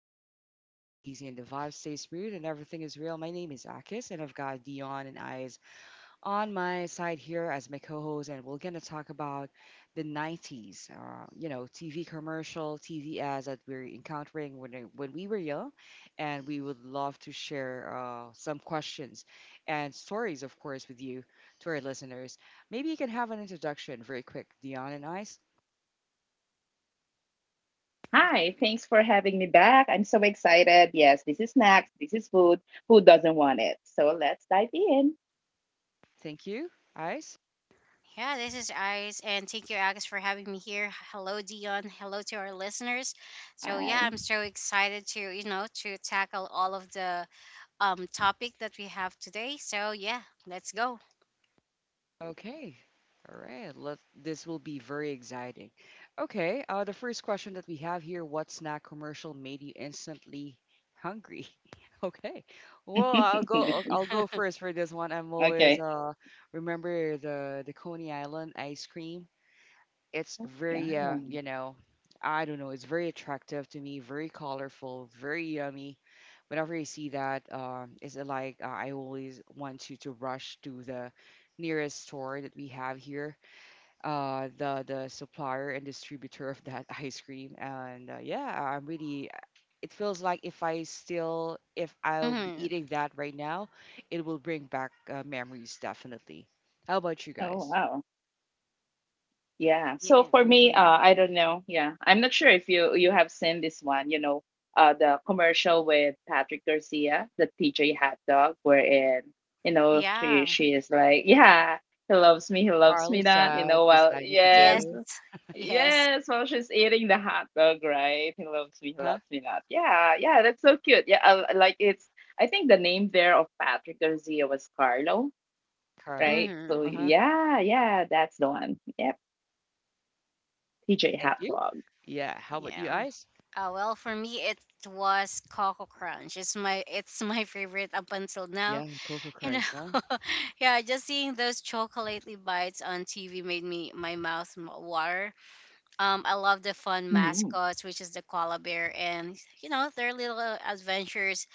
where conversation flow easy and the vibe stays smooth and everything is real, my name is Akis and I've got Dion and Eyes on my side here as my co-host, and we're gonna talk about the 90s. TV commercial, TV ads that we're encountering when we were young, and we would love to share some questions and stories, of course, with you to our listeners. Maybe you can have an introduction very quick, Dion and Eyes. Hi, thanks for having me back. I'm so excited. Yes, this is snacks, this is food. Who doesn't want it? So let's dive in. Thank you, Eyes. Yeah, this is Ice, and thank you, Agus, for having me here. Hello, Dion. Hello to our listeners. So yeah, I'm so Hi. excited to you know to tackle all of the topic that we have today. So yeah, let's go. Okay. All right. Let this will be very exciting. Okay. The first question that we have here: what snack commercial made you instantly hungry? Okay. Well, I'll go. I'll go Nice. first for this one. I'm always Okay. remember the Coney Island ice cream. It's Oh, very, uh, yeah. you know, I don't know, it's very attractive to me, very colorful, very yummy. Whenever I see that, it's like I always want to rush to the nearest store that we have here, the supplier and distributor of that ice cream. And yeah, I'm really, it feels like if I still, if I'll be hmm eating that right now, it will bring back memories definitely. How about you Oh, guys? wow. Yeah. So Yeah. for me, mhm. I don't know. Yeah. I'm not sure if you have seen this one, you know, the commercial with Patrick Garcia, the TJ hot dog, wherein, you know, she Yeah. she is like, Yeah, he loves Carl me is not, you know, well, beside me Yes. yes. today. Yes. Yes, while she's eating the hot dog, right? He Huh? loves me not. Yeah, yeah, that's so cute. Yeah, I like it's. I think the name there of Patrick Garcia was Carlo, Carlo. right? So hmm Uh-huh. yeah, yeah, that's the one. Yep, TJ Thank Hot you. Dog. Yeah. How about you, Yeah. Ice? Well, for me, it was Coco Crunch. It's my favorite up until now. Yeah, Cocoa You Crunch, huh? know, yeah, just seeing those chocolatey bites on TV made me my mouth water. I love the fun Hmm mascots, which is the koala bear, and you know their little adventures.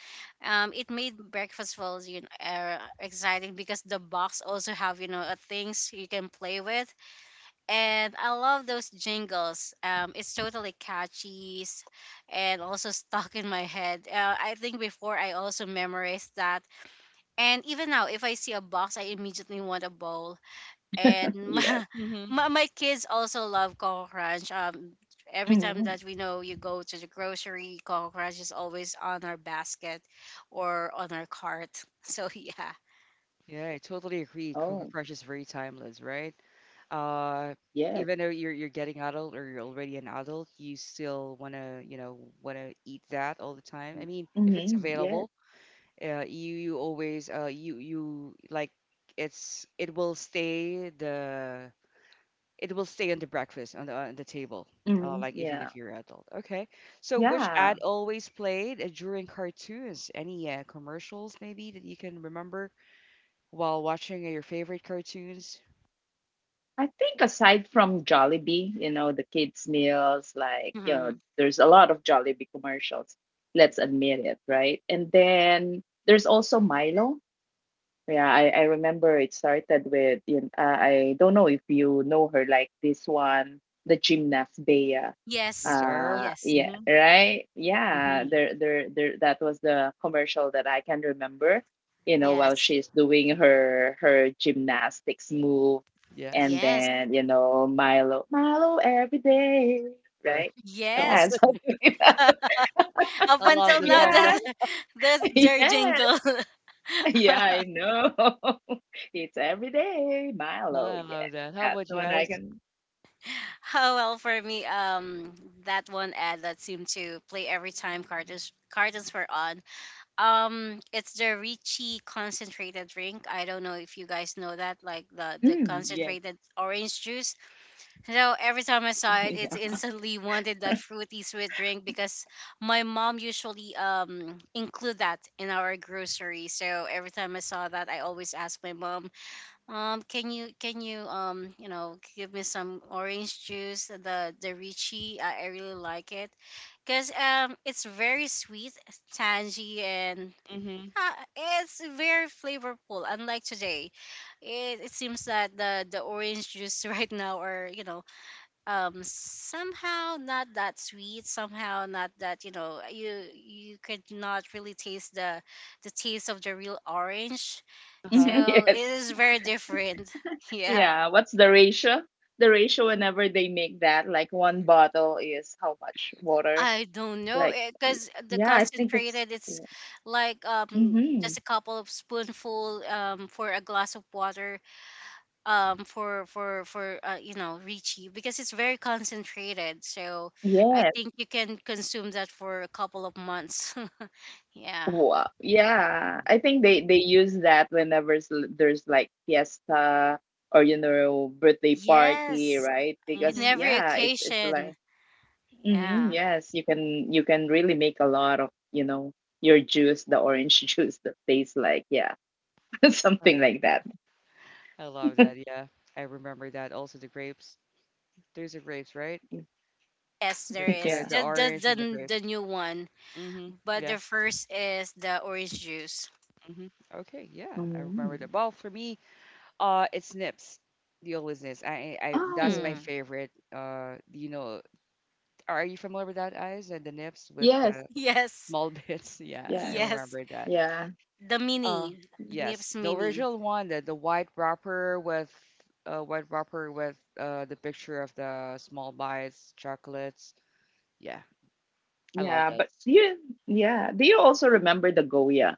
It made breakfast was exciting because the box also have things you can play with, and I love those jingles. It's totally catchy, and also stuck in my head. I think before I also memorized that, and even now, if I see a box, I immediately want a bowl. And Yes. my, Mm-hmm. my, my kids also love Coco Crunch. Every time hmm that we know you go to the grocery, Coco Crunch is always on our basket or on our cart. So yeah. Yeah, I totally agree. Oh, Cocoa Crunch is very timeless, right? Uh, yes. Even though you're getting adult or you're already an adult, you still wanna, you know, wanna eat that all the time. I mean, if it's hmm Yes. available, you you always you you like it's it will stay the it will stay on the breakfast on the table. Hmm Like even Yeah. if you're adult. Okay. So which Yeah. ad always played during cartoons? Any commercials maybe that you can remember while watching your favorite cartoons? I think aside from Jollibee, you know, the kids' meals, like, you know, Mhm. there's a lot of Jollibee commercials. Let's admit it, right? And then there's also Milo. Yeah, I remember it started with, you know, I don't know if you know her, like this one, the gymnast Bea. Yes. Reserve. Yes. Yeah, Mhm. right? Yeah, Mhm. That was the commercial that I can remember, you know, while Yes. she's doing her gymnastics move. And Yes. Yes. then, you know, Milo, Milo every day, Or right? I love Yeah, Yes. the something jingle. like that. I Up love until the now, song. Yeah, that's that's their yeah, jingle. yeah, I know. It's every day, Milo, I yes, love that. How that's about the you one I guys? can. Oh well, for me, that one ad that seemed to play every time cartons were on. It's the Ricci concentrated drink. I don't know if you guys know that, like the Mm, yes. concentrated orange juice. So every time I saw Oh, it, it's yeah. instantly wanted that fruity sweet drink because my mom usually include that in our grocery. So every time I saw that, I always ask my mom, can you you know give me some orange juice? The Ricci, I really like it because it's very sweet, tangy, and Mhm. It's very flavorful. Unlike today, it seems that the orange juice right now are you know somehow not that sweet, somehow not that you know you you could not really taste the taste of the real orange, Uh huh. so it Yes. is very different. Yeah, Yeah, what's the ratio? The ratio whenever they make that, like one bottle is how much water? I don't Like, know, y- because yeah, the I think it's. concentrated it's like um Mm-hmm. just a couple of spoonful for a glass of water, for you know Richie, because it's very concentrated. So Mhm. I Yes. think you can consume that for a couple of months. Yeah. Wow. Yeah. I think they use that whenever there's like fiesta or you know birthday party, Yes, right? in Because mhm. every yeah, it's like. occasion. Hmm Yeah. Yes, you can really make a lot of, you know, your juice, the orange juice that tastes like, yeah, I, something like that. I love that. Yeah, I remember that. Also the grapes. There's the grapes, right? Yes, So, there Yeah. is. so the The, the orange and the the grapes. the new one, Mm-hmm. but Yeah. the first is the orange juice. Mm-hmm. Okay. Yeah, I remember Mm. that. Well, for me, it's Nips, the always Nips. That's my Oh, Mm. favorite. Are you familiar with that, Eyes? And the Nips with yes. Yes. small bits. Yeah, Yeah. I Yes. remember that. Yeah. The Uh, mini, Nips yes, the mini. original one, the white wrapper with the picture of the small bites, chocolates. Yeah, I love Yeah. that. Yeah. Do you also remember the Goya?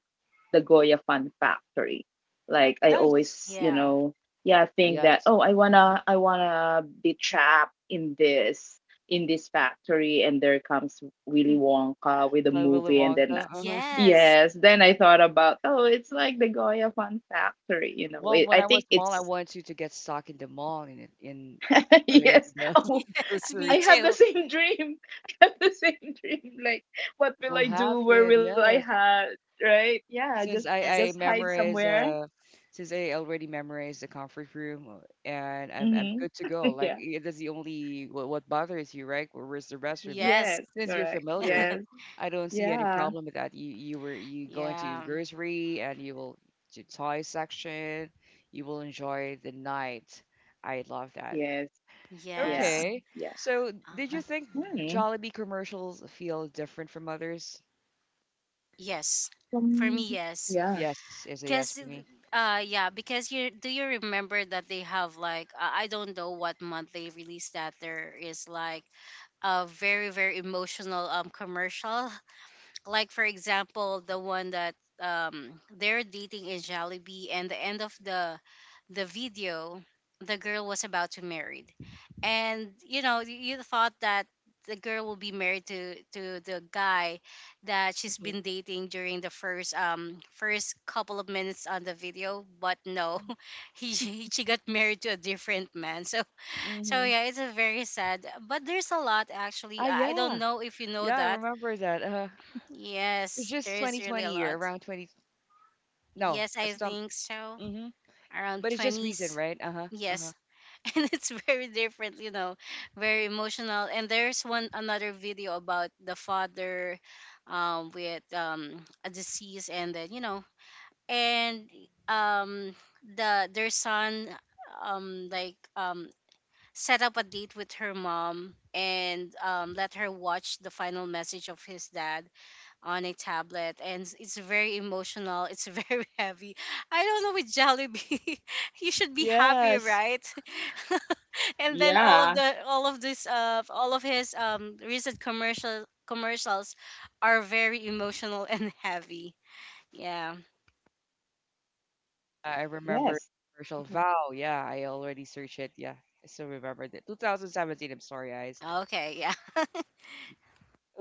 The Goya Fun Factory. Like I Yes. always, you Yeah. know, yeah, think that Yes. oh, Mm-hmm. I wanna be trapped in this factory, and there comes Willy Wonka with a Like Willy movie, and then. Wonka. uh, Uh-huh. Yes. Yes, then I thought about oh, it's like the Goya Fun Factory, you know. Well, when I I was think small, I it's. wanted to get stuck in the mall in yes. the Oh, Yes, I me grocery. have the too. same dream. I have the same dream. Like, what will Will I have do? Where it, will I yes. hide? Right? Yeah, Since I just Yes. I hide memorize somewhere. uh since I already memorized the comfort room, and I'm Hmm good to go. Like Yeah. That's the only what bothers you, right? Where- where's the restroom? But Yes, Yes. since you're correct. familiar, Yes. I don't see any Yeah. problem with that. You were you go into the Yeah. grocery and you will to toy section. You will enjoy the night. I love that. Yes. Yeah. Yes. Okay. Yeah. So, Uh, Uh, did you think mm, Jollibee commercials feel different from others? yes. For um, me, yes. yeah. Yes, is a yes Cause, for me. Yeah, because you do you remember that they have like I don't know what month they released that there is like a very emotional commercial, like for example the one that they're dating in Jollibee, and the end of the video, the girl was about to married, and you know you, you thought that the girl will be married to the guy that she's Mhm. been dating during the first first couple of minutes on the video, but no. he she got married to a different man. So so Mm-hmm. yeah, it's a very sad, but there's a lot actually. Ah, I don't yeah. know if you know Yeah, I that. remember that. It's Yes, there just is really a 2020 or lot. around 20. No, Yes, I some. think so. Mm-hmm. Around But it's just recent, 20s. right? Uh-huh. Uh-huh. Yes. And it's very different, you know, very emotional. And there's one another video about the father with a disease, and then, you know, and um the their son um like um set up a date with her mom and let her watch the final message of his dad on a tablet, and it's very emotional, it's very heavy. I don't know with Jollibee, you should be happy, Yes. right? And then all of Yeah. the all of this all of his recent commercials are very emotional and heavy. Yeah. I remember Yes. commercial. Mhm. Vow. Yeah, I already searched it. Yeah, I still remember that. 2017. I'm sorry, guys. Okay, yeah.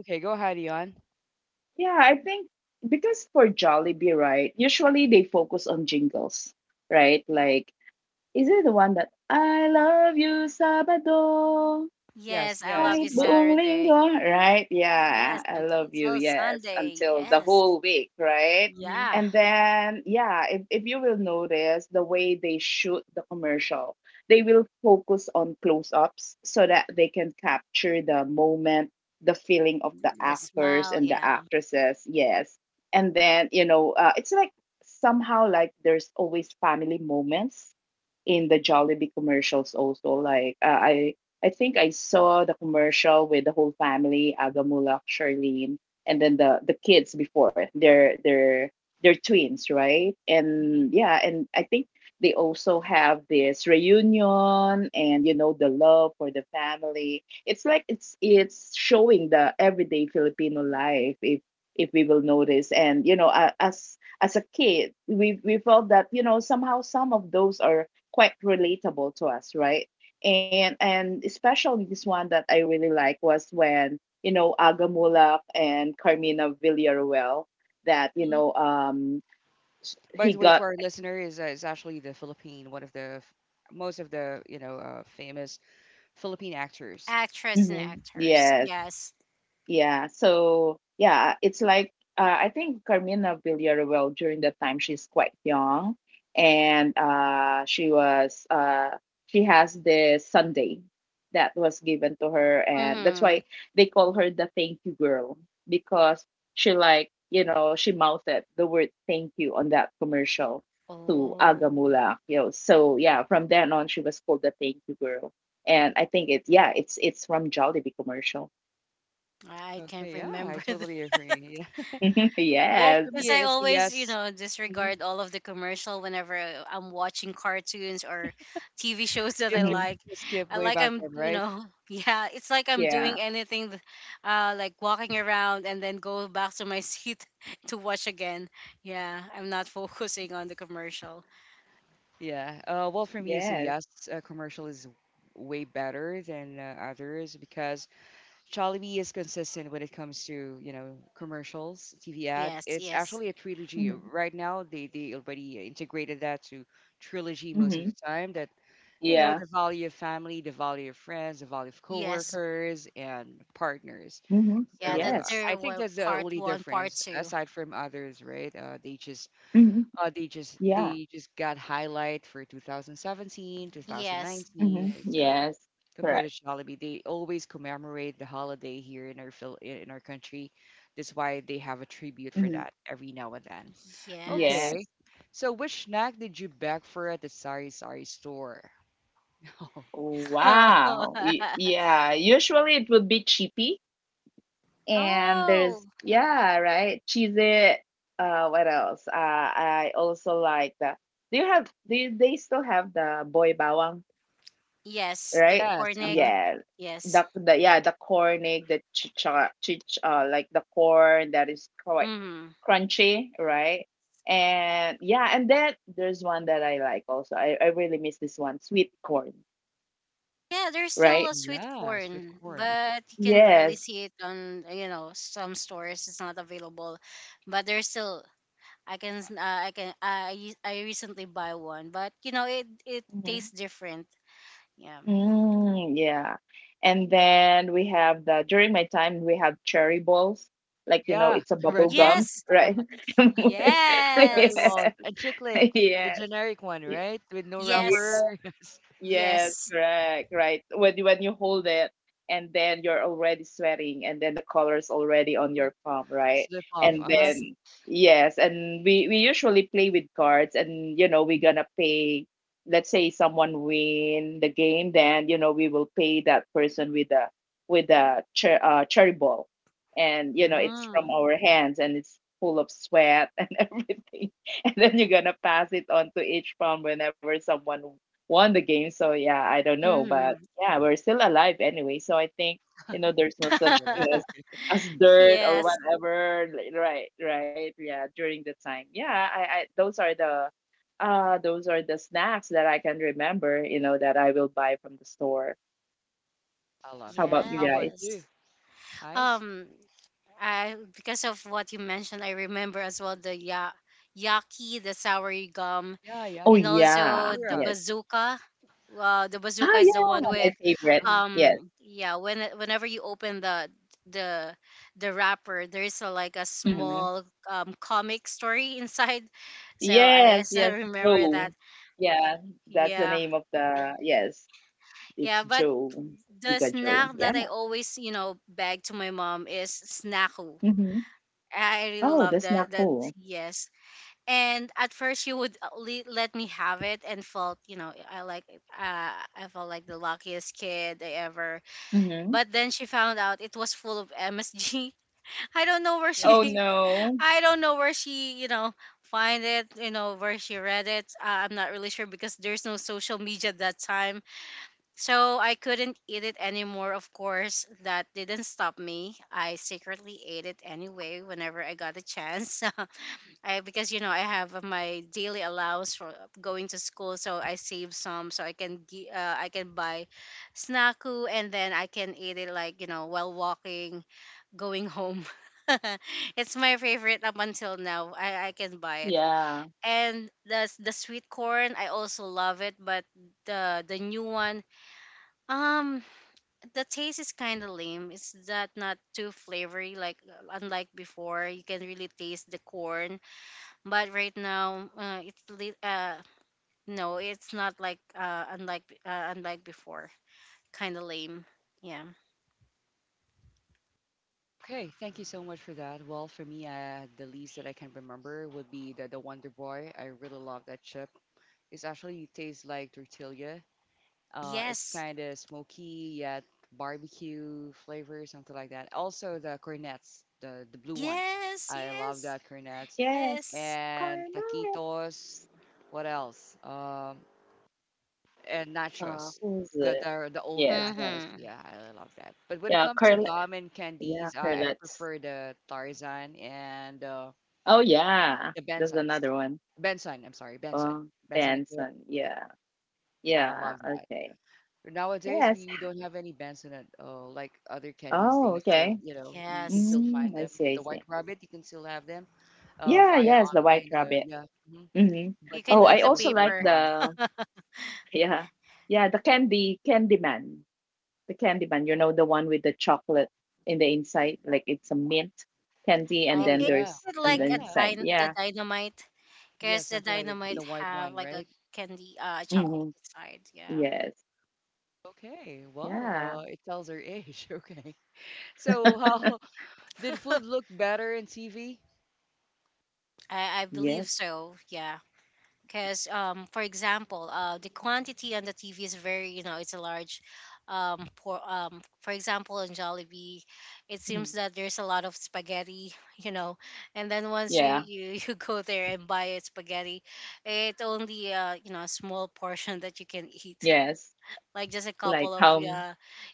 Okay, go ahead, Ion. Yeah, I think because for Jollibee, right, usually they focus on jingles, right? Like, is it the one that I love you, Sabado? Yes, Yes, I yes. love Kahit you Uh-huh. buong Saturday. linggo, right? Yeah, Yes, I up love you. until Yes, Sunday. until the Yes. whole week, right? Mm-hmm. Yeah, And then, yeah, if you will notice the way they shoot the commercial, they will focus on close ups so that they can capture the moment, the feeling of the the actors smile, and the yeah. actresses. Yes. And then, you know, it's like somehow like there's always family moments in the Jollibee commercials also. Like I think I saw the commercial with the whole family, Agamulak, Charlene, and then the kids before. They're twins, right? mm-hmm. And yeah, and I think they also have this reunion and you know the love for the family. It's like it's showing the everyday Filipino life if we will notice. And you know, as a kid, we felt that you know somehow some of those are quite relatable to us, right? And especially this one that I really like was when you know Agamulak and Carmina Villarreal that you know By he the way, to got. our listener is actually the Philippine, one of the most of the you know famous Philippine actors. Actress and Mm-hmm, actors, yes. yes. Yeah. So yeah, it's like I think Carmina Villarreal during that time she's quite young, and she has this Sunday that was given to her, and that's Mm-hmm. why they call her the Thank You Girl because she like you know she mouthed the word thank you on that commercial to Oh, Agamula. You know, so yeah, from then on she was called the Thank You Girl, and I think it's yeah it's from Jollibee commercial. I can't Okay, yeah, I remember that totally agree. Yeah. Mhm. Yes. Well, for because me, I it's a always, you yes. know, hmm disregard all of the commercial whenever I'm watching cartoons or TV shows that I If hmm you like. skip I way like back I'm, then, you right? know, yeah, it's like I'm Yeah. doing anything, like walking around and then go back to my seat to watch again. Yeah, I'm not focusing on the commercial. Yeah. Well, for me, it's a Yes. yes. Commercial is way better than others because Jollibee is consistent when it comes to you know commercials, TV ad. Yes, It's yes, actually a trilogy hmm right now. They already integrated that to trilogy most hmm of the time. That you know, Yeah. the value of family, the value of friends, the value of yes. coworkers and partners. hmm Yeah, So that's Yes. I their, think well, that's the part only one, part difference, two. aside from others, right? Hmm Yeah. They just got highlight for 2017, Yes, 2019. hmm And So Yes. Correct. compared to Jollibee, they always commemorate the holiday here in our Phil- in our country. That's why they have a tribute for Hmm that every now and then. yes. Okay, Yes. so which snack did you beg for at the Sari Sari store? Wow. Yeah. Usually it would be cheapy. And Oh, there's, yeah, right? Cheesy. What else? I also like the. Do you have, do you, they still have the boy bawang? yes, the Right? Yes, cornic. uh-huh. Yeah. Yes. The yeah, the cornig, the chicha, chich, like the corn that is quite hmm crunchy, right? And yeah, and then there's one that I like also. I really miss this one, sweet corn, Yeah, there's still right? a sweet Yes, with corn, corn. But you can barely Yes. see it on, you know, some stores. It's not available, but there's still. I can, I can, I recently buy one, but you know, it hmm tastes different. Yeah. Mm, yeah. And then we have the during my time we have cherry balls. Like you know, Yeah, it's a the bubble red one, gum, Yes. right? Y- cherry Yes. balls, yes. and chiclet, the Yes. generic one, y- right? With no Yes. wrapper. Yes, Yes, Yes. correct, right. When when you hold it and then you're already sweating and then the color's already on your palm, right? slip off. And Uh-huh. Yes. then yes, and we usually play with cards and you know we're gonna pay let's say someone win the game, then you know we will pay that person with a cherry ball. And you know it's from Mm. our hands and it's full of sweat and everything. And then you're gonna pass it on to each palm whenever someone won the game. So yeah, I don't know, but hmm yeah, we're still alive anyway. So I think you know there's no So such the thing last, okay. as dirt or Yes. whatever. Right, right. Yeah, during the time. Yeah, I those are the snacks that I can remember. You know that I will buy from the store. I love How that. about you How about guys? Yes. you, Ice? Um, I because of what you mentioned, I remember as well the yaki, the sour gum, Yeah, Oh and yaki. also yeah, the Yeah. yes. bazooka. The bazooka Oh is the yeah, one my with, favorite. Uh-huh. Yes. Yeah. When whenever you open the the wrapper, there is a, like a hmm small comic story inside. So I Yes, still yes, remember that. Joe. Yeah, that's the Yeah, name of the yes. It's yeah. But Joe, the Suga Joe. snack Yeah. that I always you know beg to my mom is snacku. hmm I really Oh, love that's that. not That cool. yes. And at first, you would let me have it, and felt, you know, I like, I felt like the luckiest kid I ever. hmm But then she found out it was full of MSG. I don't know where Oh Yes. she, no. I don't know where she, you know, find it. You know where she read it. I'm not really sure because there's no social media at that time, so I couldn't eat it anymore. Of course, that didn't stop me. I secretly ate it anyway whenever I got a chance. I because you know I have my daily allowance for going to school, so I save some so I can I can buy snacku, and then I can eat it like you know while walking going home. It's my favorite up until now. I can buy it. Yeah. And the the sweet corn I also love it, but the new one um the taste is kind of lame. It's that not too flavory like unlike before. You can really taste the corn, but right now no, it's not like unlike before, kind of lame. Yeah. Okay, thank you so much for that. Well, for me, the least that I can remember would be the Wonder Boy. I really love that chip. It's actually tastes like tortilla. It's Yes, kind of smoky yet barbecue flavor, something like that. Also the cornets, the blue one. yes, I love yes, that cornets Yes. yes. and Carlette. taquitos. What else? And nachos. Who's The, it? The old Yes. Nachos. Mm-hmm. Yeah, I love that. But when it Yeah, comes to Carlette. gum and Yeah, candies, I Carlette's. prefer the Tarzan and Oh yeah. the There's Bensons. another one. Benson, I'm sorry, Benson. Oh, Benson and Kaya. Benson. Yeah. I Yeah. love that. Okay. Nowadays, Yes. We don't have any bans on it. Like other candies, Oh, they still, okay. you know, you can Yes, still find Mm, I them. see, I The White see. Rabbit, you can still have them Yeah, via yes, the White online. Rabbit. Yeah. hmm Mm-hmm. you But the can Oh, eat I the Benson is also really like paper. gone. the. Yeah. Yeah, the candy candy man. The candy man, you know, the one with the chocolate in the inside, like it's a mint candy and Oh, then Is yeah. there's it on the Yeah. like a inside. The Yeah. dynamite, Yeah. because the Something like dynamite the white have wine, like a right? candy Mm-hmm. chocolate inside? Yeah. Yes. Okay. Well, Yeah. It tells her age. Okay. So, how did food look better in TV? I believe Yes. so. Yeah, because for example the quantity on the TV is very you know it's a large. For example, in Jollibee it Mm. seems that there's a lot of spaghetti you know, and then once you Yeah. you you go there and buy a spaghetti, it only you know a small portion that you can eat. Yes. Like just a Like couple of, how yeah,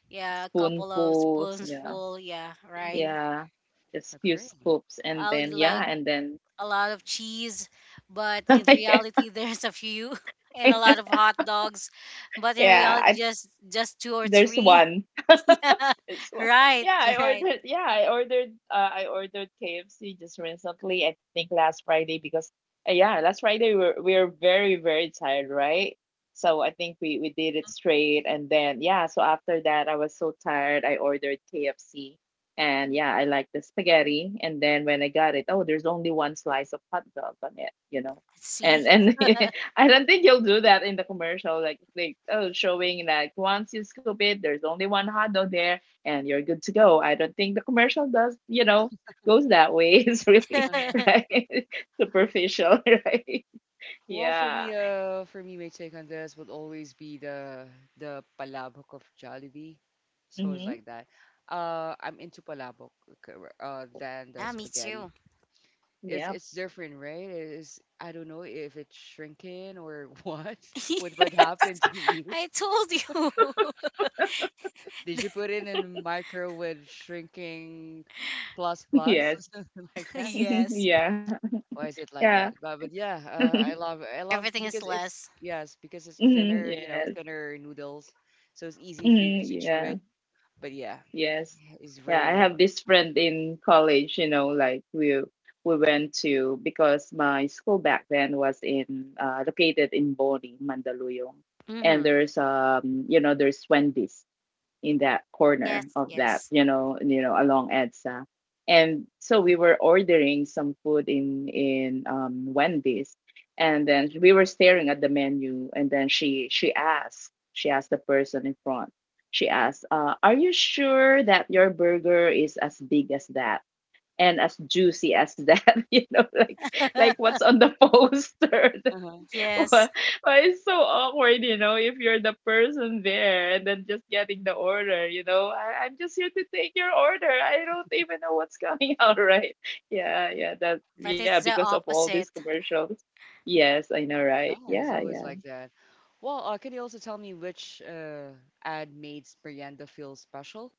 yeah, a couple of spoonfuls. spoons Yeah. full, yeah, right? Mm-hmm. Yeah. Just few Agree. scoops and I'll eat then yeah, like and then a lot of cheese, but in reality there's a few, and a lot of hot dogs, but in yeah. reality I, just two or there's three. one. Yeah, It's what? right, right. Yeah, I ordered. I ordered KFC just recently. I think last Friday because yeah, last Friday we were very very tired, right? So I think we did it straight, and then yeah. So after that, I was so tired. I ordered KFC, and yeah, I like the spaghetti. And then when I got it, oh, there's only one slice of hot dog on it, you know. See, And I don't think you'll do that in the commercial, like oh, showing like once you scoop it, there's only one hot dog there, and you're good to go. I don't think the commercial does, you know, goes that way. It's really yeah, right superficial, right? Well, for Yeah. me, my take on this would always be the palabok of Jollibee. So it's Mm-hmm. like that. I'm into palabok c- than the me spaghetti. too. Yeah. It's different, right? It's I don't know if it's shrinking or what. What Yes, happened to you? I told you. Did you put it in the micro with shrinking plus plus Yes. or something like that? Yes, yeah. Why is it like Yeah. that? But yeah, I love everything is because it's less. yes because it's Mhm. thinner, you know, Yes. thinner noodles, so it's easy for you Mhm. to chew it. Yeah. But yeah, Yes. it's Yeah. I very have this friend in college, you know, like we went to because my school back then was in located in Boni, Mandaluyong. And Hmm there's you know there's Wendy's in that Yes, corner of that, yes, you know, along EDSA. And so we were ordering some food in Wendy's, and then we were staring at the menu, and then she asked the person in front. She asked, "Are you sure that your burger is as big as that?" and as juicy as that you know like what's on the poster. uh-huh. yes. Well, it's so awkward, you know, if you're the person there and then just getting the order, you know. I'm just here to take your order. I don't even know what's coming out, right? Yeah, yeah, that But yeah, it's the because of all these opposite. commercials. Yes, I know, Yeah, right? it's Yeah, always yeah. like that. Well, can you also tell me which ad made Merienda feel special?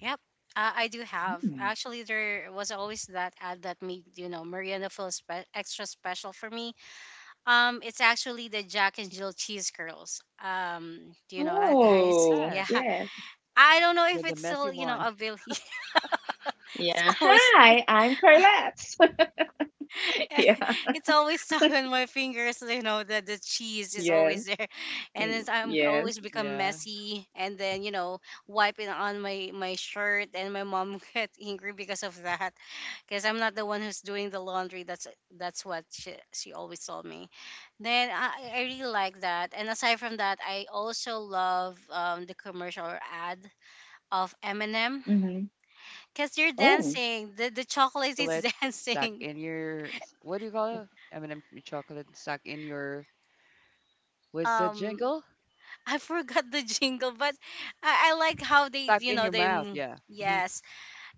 Yep, I do have. Mm. Actually, there was always that ad that made you know Mariana feel extra special for me. It's actually the Jack and Jill cheese curls. Do you know that, guys? Oh, Yeah, Yes, yes. I don't know the if it's messy still you know one. available. It's Yeah. always Hi, I'm Carlette. yeah. it's always stuck on my fingers. You know that the cheese is always Yes. there, and then mm, I'm Yes. always become Yeah, messy, and then you know wiping on my my shirt, and my mom get angry because of that. Because I'm not the one who's doing the laundry. That's what she always told me. Then I really like that. And aside from that, I also love the commercial or ad of Eminem Mm-hmm. because they're Oh. dancing. The chocolate chocolate is stuck dancing. in your what do you call it? M&M chocolate stuck in your what's the Um, jingle? I forgot the jingle, but I like how they Stuck you in know your they. mouth. m- Yeah. Mm-hmm. Yes,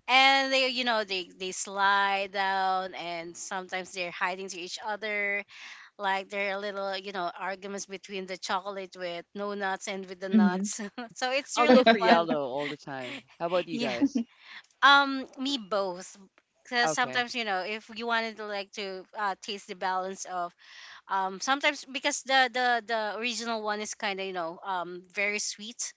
and they you know they slide down, and sometimes they're hiding to each other. Like there are little, you know, arguments between the chocolate with no nuts and with the Mm-hmm. nuts. So it's I'll go really for fun. yellow all the time. How about you Yeah. guys? Me both. Because Okay. sometimes, you know, if you wanted to like to taste the balance of sometimes because the original one is kind of, you know, very sweet.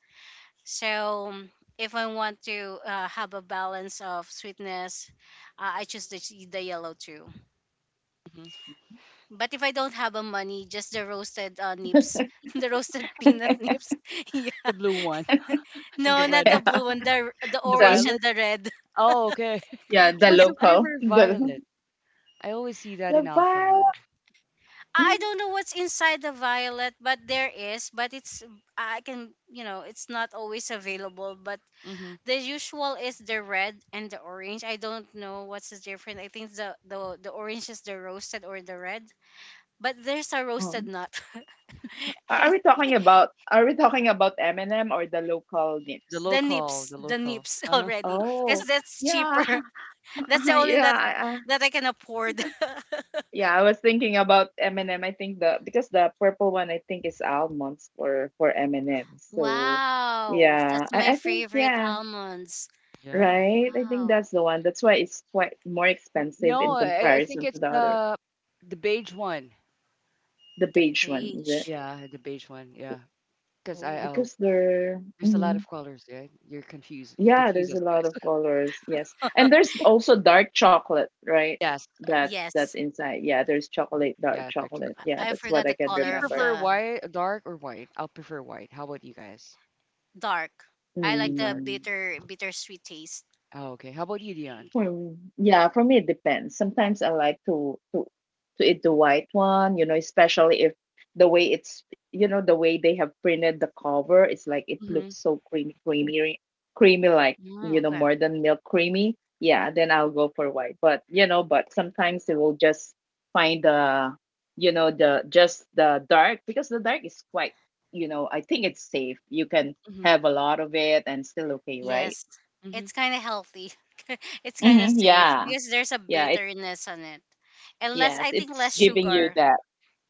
So, if I want to have a balance of sweetness, I choose the yellow too. hmm But if I don't have a money, just the roasted nips, the roasted peanut nips. Yeah. The blue one and the No, red not the one. Yeah. blue one, the The orange The, and violet? the red. Oh, okay. yeah, the What's the Yeah. local. flavor of violet? I always see that the in vibe. Alphabet. I Mm, don't know what's inside the violet, but there is, but it's I can, you know, it's not always available, but Mm-hmm. the usual is the red and the orange. I don't know what's the difference. I think the orange is the roasted or the red, but there's a oh. roasted nut. And Are we talking about M&M or the local The nips? Local, the the local. nips Uh-huh. already because Oh, that's yeah, cheaper. That's the only yeah, that that I can afford. yeah. I was thinking about m and M. I think the because the purple one I think is almonds for M&M. So Wow, yeah, that's my I think favorite yeah, almonds. Yeah. right. I think Wow, that's the one. That's why it's quite more expensive No, in I think comparison to it's the other, the beige one. the the beige one, is it? beige. Yeah, the beige one. Yeah, because Oh, I oh, Because they're there's a lot of colors. Yeah, you're confused. You yeah, confuse there's us a lot guys. of colors. Yes. And there's also dark chocolate, right? Yes. uh, That's yes. inside. Yeah, there's chocolate, dark Yeah, the chocolate. extra Yeah, I that's what I forgot the can you color of remember. prefer the white, dark, or white? I'll prefer white. How about you guys? dark. I You like the dark. Hmm. Bittersweet taste. Oh, okay. How about you, Dion? Hmm. Yeah, for me it depends. Sometimes I like to eat the white one, you know, especially if the way it's, you know, the way they have printed the cover, it's like it looks Mm-hmm. so creamy, creamy, creamy, like, Mm, you know, okay. more than milk creamy. Yeah, then I'll go for white. But you know, but sometimes it will just find the, you know, the just the dark, because the dark is quite, you know, I think it's safe. You can Mm-hmm. have a lot of it and still okay, right? Yes. Mm-hmm. It's kind of healthy. It's kind of Mm-hmm, safe yeah. because there's a Yeah. bitterness on it. And less Yes, I think it's less giving you sugar. that.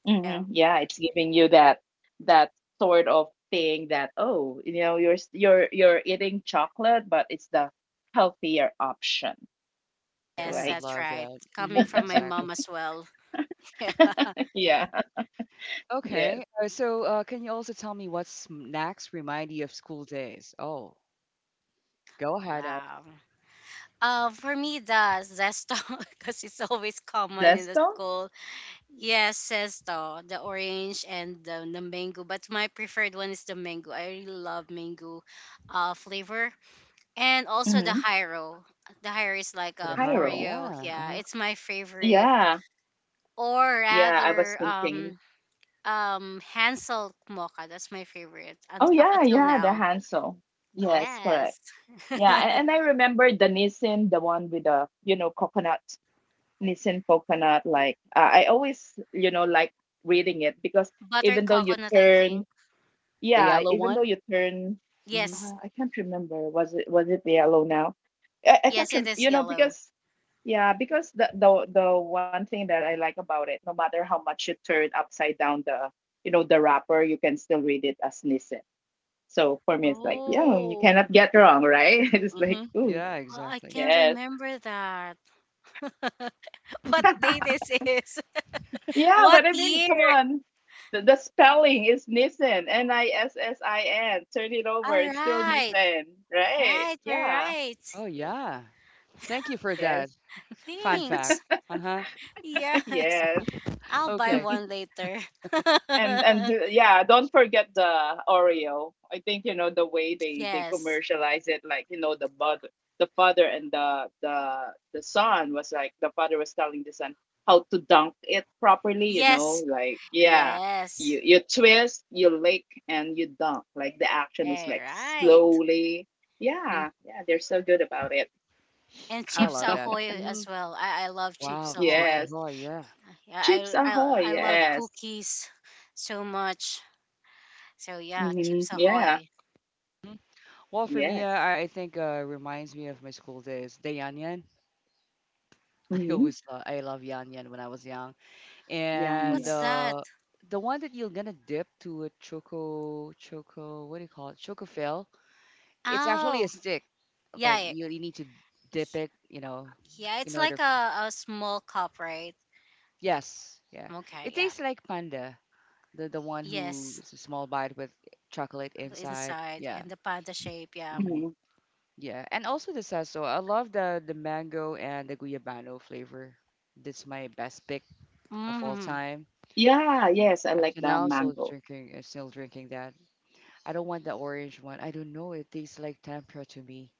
Yeah. Yeah, it's giving you that sort of thing that, you know, you're you're eating chocolate, but it's the healthier option, Yes, Yeah, I right? that's love right. that. Coming Mm-hmm. from my Exactly. mom as well. Yeah. Yeah. Yes. Okay. So, can you also tell me what snacks remind you of school days? Oh, go ahead. I Wow. For me, the zesto, because it's always common in the Zesto? school. Yes, zesto, the orange and the mango. But my preferred one is the mango. I really love mango flavor. And also the Mm-hmm. Hiro. The Hiro is like put a heart. Cairo. Oreo. Yeah. Yeah, Uh-huh. it's my favorite. Yeah. Or Yeah, I was rather, thinking. Hansel mocha. That's my favorite and Oh up yeah, until yeah, the now. Hansel. Yes, correct. Yes. Yeah, and I remember the Nissin, the one with the, you know, coconut. Nissin Coconut. Like, I always, you know, like reading it because Butter even though you coconut, I think. turn, The yeah, yellow even though one. you turn, Mm-hmm. Yes. I can't remember. Was it yellow now? I Yes, can't it is you know, yellow. because yeah, because the, the one thing that I like about it, no matter how much you turn upside down the, you know, the wrapper, you can still read it as Nissin. So for me, it's like yeah, you Oh, cannot get wrong, right? It's like Mm-hmm. ooh, Yeah, I exactly. can't yes. remember that. What day this is? Yeah, What but I mean, come year? on. The spelling is Nissan, Nissin. Turn it over, All it's still right. Nissan, right? Right, you're Yeah. right. Oh, yeah. Thank you for that. Yes. Fun fact. Thanks. Uh-huh. Yes. Yes. I'll buy Okay. one later. And Yeah, don't forget the Oreo. I think, you know, the way they Yes. commercialize it, like, you know, the mother, the father, and the son. Was like the father was telling the son how to dunk it properly, you know, Yes. like yeah, Yes. You twist, you lick, and you dunk. Like the All action is like right. slowly, Mhm. yeah, yeah. They're so good about it. And I Chips love that. Ahoy Mm-hmm. as well. I love Chips Wow. Chicken. Ahoy. Yes. Oh, yeah. Yeah, Chips I, I Ahoy, I love yes. cookies so much. So yeah, Chips Yeah. Ahoy. Well, for me, uh, Yes. I I think uh, reminds me of my school days. The Yan Yan. Hmm I love Yan Yan when I was young, and yeah. What's that? The one that you're gonna dip to a choco what do you call it choco fill. It's actually a Oh, stick. yeah, Like yeah, you need to dip it, you know, yeah, it's in like order. For, a small cup, right? yes, yeah. Okay, It yeah, tastes like panda, the one yes, who's a small bite with chocolate inside. inside Yeah. and the panda shape, yeah. mm-hmm. Yeah. Yeah, and also the sasso. I love the mango and the guyabano flavor. That's my best pick of all Mm-hmm. time. Yeah, yes, I Up like to the now, still mango. drinking, that. I don't want the orange one. I don't know. It tastes like tempura to me.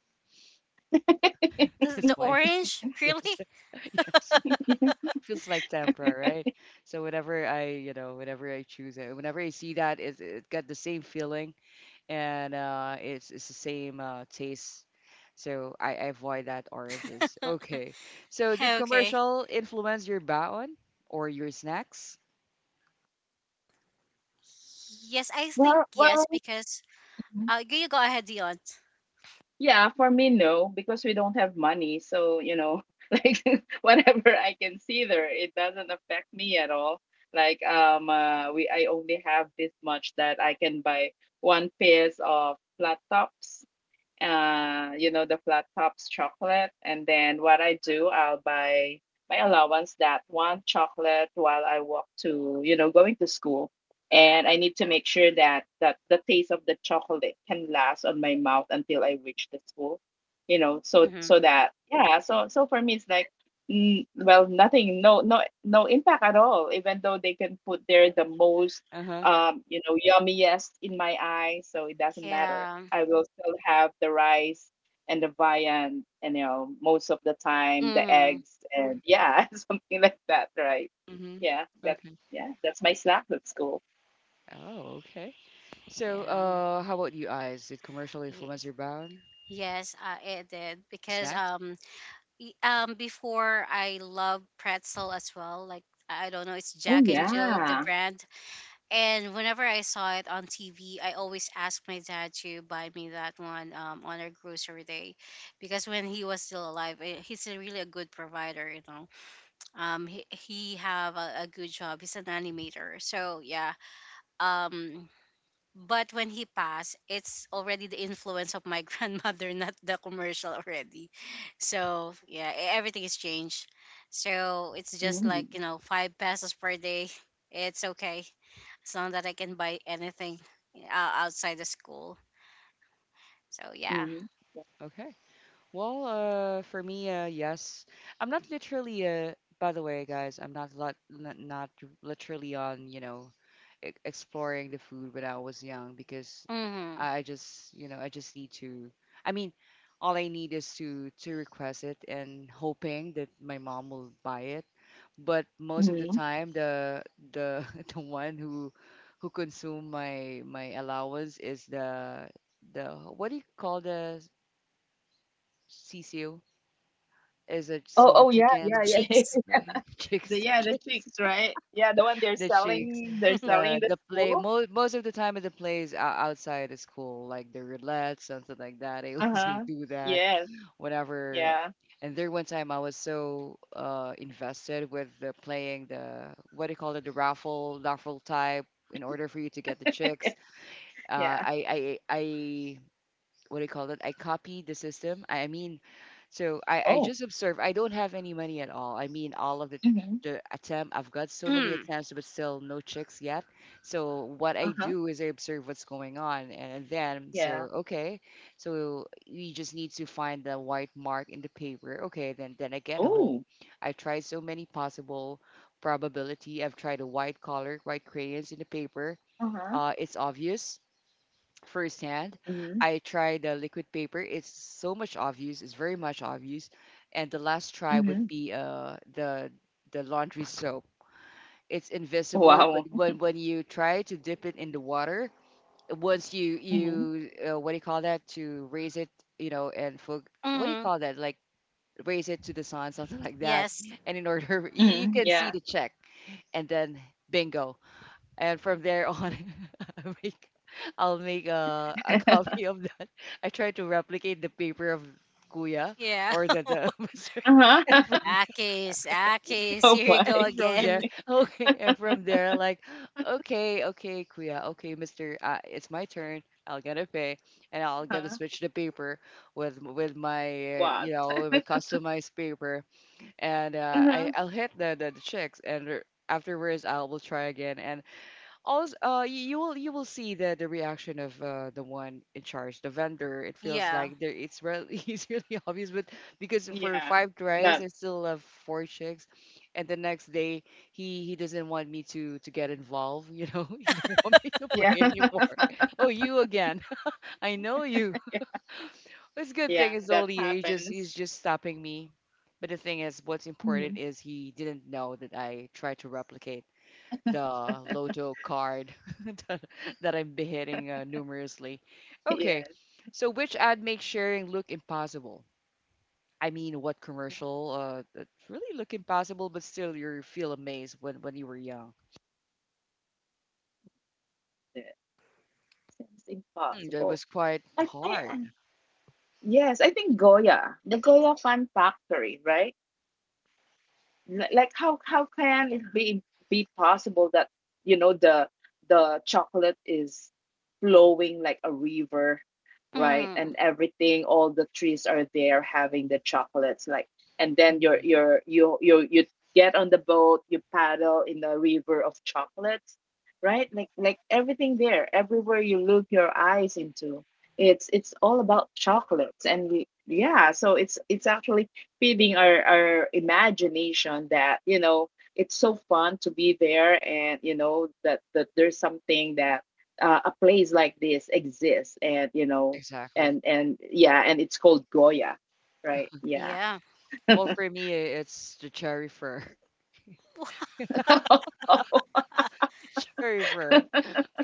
The, That's the why. Orange, really? Yes, yes, Yeah. feels like tempura, right? So whenever I, you know, whenever I choose it, whenever I see that, is it got the same feeling and it's the same taste. So I avoid that oranges. Okay. So did Okay. commercial influence your baon or your snacks? Yes, I think Well, yes well, because you go ahead, Dion. yeah, for me, no, because we don't have money. So, you know, like whatever I can see there, it doesn't affect me at all. Like, we I only have this much that I can buy one pairs of flat tops, you know, the flat tops chocolate. And then what I do, I'll buy my allowance that one chocolate while I walk to, you know, going to school. And I need to make sure that the taste of the chocolate can last on my mouth until I reach the school, you know, so Mm-hmm. that, yeah, so for me it's like mm, well, nothing, no impact at all, even though they can put there the most, Uh huh. You know, yummiest in my eye, so it doesn't matter. Yeah. I will still have the rice and the viand, and, you know, most of the time the Mm-hmm. eggs, and yeah, something like that, right? Mhm. Yeah, that Okay. yeah, that's my snack at school. Oh, okay. So Yeah. How about you guys? Did commercial Y- influence your baon yes, it did because snacks? Before I love pretzel as well. Like I don't know, it's Oh Jack and Jill, the yeah. brand. And whenever I saw it on TV, I always asked my dad to buy me that one on our grocery day, because when he was still alive, he's a really a good provider. You know, he have a good job. He's an animator. So yeah, um, but when he passed, it's already the influence of my grandmother, not the commercial already. So yeah, everything is changed. So it's just Mm-hmm. like, you know, 5 pesos per day. It's okay as long that I can buy anything outside the school. So yeah, Mm-hmm. Okay. Well, for me, yes. I'm not literally, by the way, guys, I'm not lot, not, not literally on, exploring the food when I was young because mm-hmm. I just, I just need to, I mean, all I need is to request it and hoping that my mom will buy it. But most of the Mm-hmm. time, the the one who consume my allowance is the the what do you call the CCO? Is a Oh small oh yeah, yeah, chicken, yeah. Chicks. the chicks, The, the yeah, the chicks, chicks, right? Yeah, the one they're the chicks, selling, they're selling the the play. school. Most of the time, the plays outside the school, like the roulette, something like that. I also Uh-huh. do that Yes, whenever. yeah. And there one time I was so invested with the playing the what do you call it, the raffle type in order for you to get the chicks. Uh, Yeah. I I I what do you call it? I copied the system. I mean, so I just Oh. observe. I don't have any money at all. I mean, all of the Mm-hmm. Attempt, I've got so many Mm. attempts, but still no chicks yet. So what I do Uh-huh. is I observe what's going on, and then so Yeah. okay, so we just need to find the white mark in the paper. Okay, then I get home. Oh. I tried so many possible probability. I've tried a white color, white crayons in the paper. Uh-huh. It's obvious firsthand. Mm-hmm. I tried the liquid paper. It's so much obvious. It's very much obvious. And the last try would Mm-hmm. be the laundry soap. It's invisible, but Wow. when you try to dip it in the water, once you Mhm. you uh, what do you call that, to raise it, you know, and for what do you Mm-hmm. call that, like raise it to the sun, something like that. Yes, And in order, you Mhm, can see yeah. the check, and then bingo, and from there on I'll make I'll make a copy of that. I try to replicate the paper of Kuya yeah. or the Mr. Uh-huh. And Akis, Akis, Oh here you my. go from again. there okay, and from there like okay okay Kuya, okay Mr. It's my turn, I'll gonna pay and I'll gonna Uh-huh. switch the paper with my you What? know, with my customized paper and uh, I Uh-huh. I'll hit the, the chicks, and afterwards I will try again and also, you will, you will see the reaction of the one in charge, the vendor. It feels Yeah. like there it's really it's really obvious, but because for Yeah. five tries, Not. I still have four chicks, and the next day he doesn't want me to get involved. You know, he don't want me to play Yeah. anymore. Oh, you again? I know you. It's a good Yeah, thing is that only happens. he's just stopping me. But the thing is, what's important Mhm. is he didn't know that I tried to replicate the lotto card that, that I'm beheading numerously. Yes. Okay, so which ad makes sharing look impossible? I mean, what commercial that really look impossible, but still you feel amazed when you were young? Yes. Seems That impossible. was quite I, I, hard. I- yes, I think Goya, the Goya Fan Factory, right? Like, how can it be possible that, you know, the chocolate is flowing like a river, right? Mm-hmm. And everything, all the trees are there having the chocolates, like, and then Mhm. you're you you you get on the boat, you paddle in the river of chocolates, right? Like everything there, everywhere you look your eyes into, it's all about chocolates. And we Yeah, so it's actually feeding our imagination that, you know, it's so fun to be there, and, you know, that, that there's something that, a place like this exists, and, you know, Exactly. And yeah, and it's called Goya, right? Yeah. Yeah. Well, for me, it's the cherry fur. River,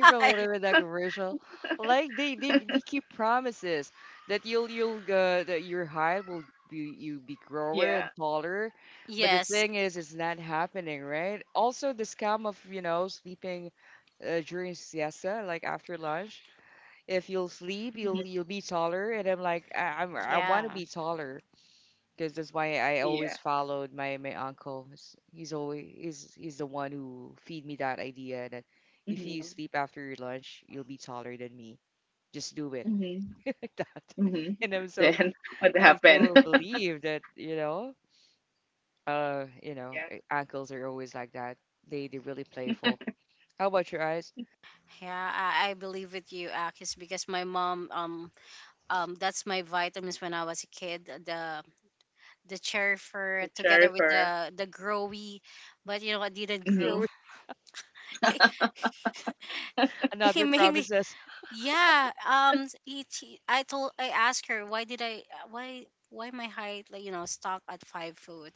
Why? whatever that commercial, like they keep promises that you'll that your height will be, you be grower Yeah. and taller, but the Yes. thing is, it's not happening, right? Also, the scam of, you know, sleeping during siesta, like after lunch. If you'll sleep, Mhm. You'll be taller, and I'm like I'm, I want to Yeah, be taller because that's why I Yeah. always followed my uncle. He's always he's the one who feed me that idea that if you Mm-hmm. sleep after your lunch, you'll be taller than me. Just do it Mm-hmm. like that. Mm-hmm. And Then what I'm happened? so Yeah. believed that, you know, uncles are always like that. They're really playful. How about your eyes? yeah, I believe with you, Akis, because my mom, that's my vitamins when I was a kid. The cherry The fruit together with sherifer. the growy, but you know I didn't The Mm-hmm. grow. girl, He another made me. promises. Yeah, I told I asked her why did I why my height like you know stuck at 5 foot,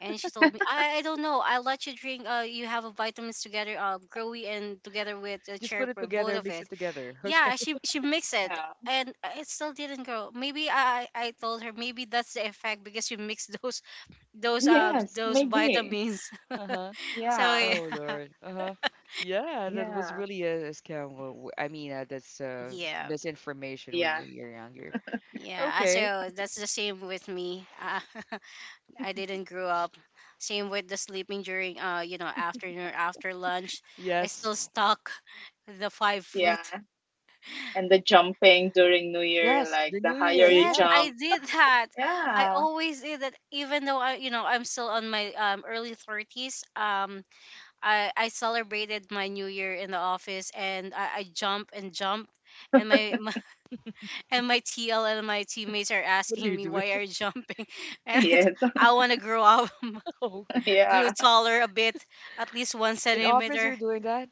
and she told me I don't know. I let you drink. You have a vitamins together, growy and together with the Just cherry put it fruit, together both and of mix it. it together. Okay. Yeah, she she mixed it, Yeah. and it still didn't grow. Maybe I told her maybe that's the effect because you mix those Yes, those maybe. vitamins. Uh huh. So Yeah. Oh yeah. Lord. Uh-huh. Yeah, that was Yeah. really a scam. Well, w- I mean, that's Yeah, misinformation when Yeah. we are younger. yeah, Okay. so that's the same with me, I didn't grow up same with the sleeping during you know afternoon after lunch. I Yes. still stuck the 5 foot. Yeah. And the jumping during New Year, Yes. like The the New higher Year. you Yes, Yeah. I jump. did that. I Yeah. always did that, even though I, you know, I'm still on my early 30s. I celebrated my New Year in the office, and I jump and jump, and my and my TL and my teammates are What are asking you me doing? why are you jumping, and I, t- Yes. I want to grow up, Oh, grow Yeah. taller a bit, at least one in office, centimeter. you're doing that?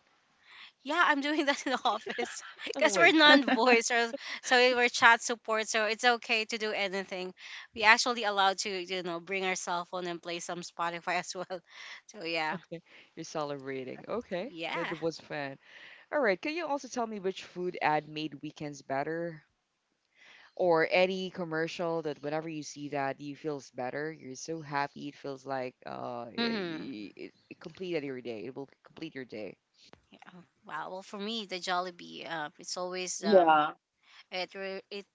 Yeah, I'm doing that in the office Oh because we're wait. non-voice, or so we're chat support, so it's okay to do anything. We actually allowed to, you know, bring our cell phone and play some Spotify as well. So yeah, Okay. You're celebrating. Okay. Yeah. That was fun. All right. Can you also tell me which food ad made weekends better? Or any commercial that whenever you see that, you feels better, you're so happy, it feels like Mm-hmm. It completed your day, it will complete your day. Yeah. Wow. Well, for me, the Jollibee, it's always Yeah. it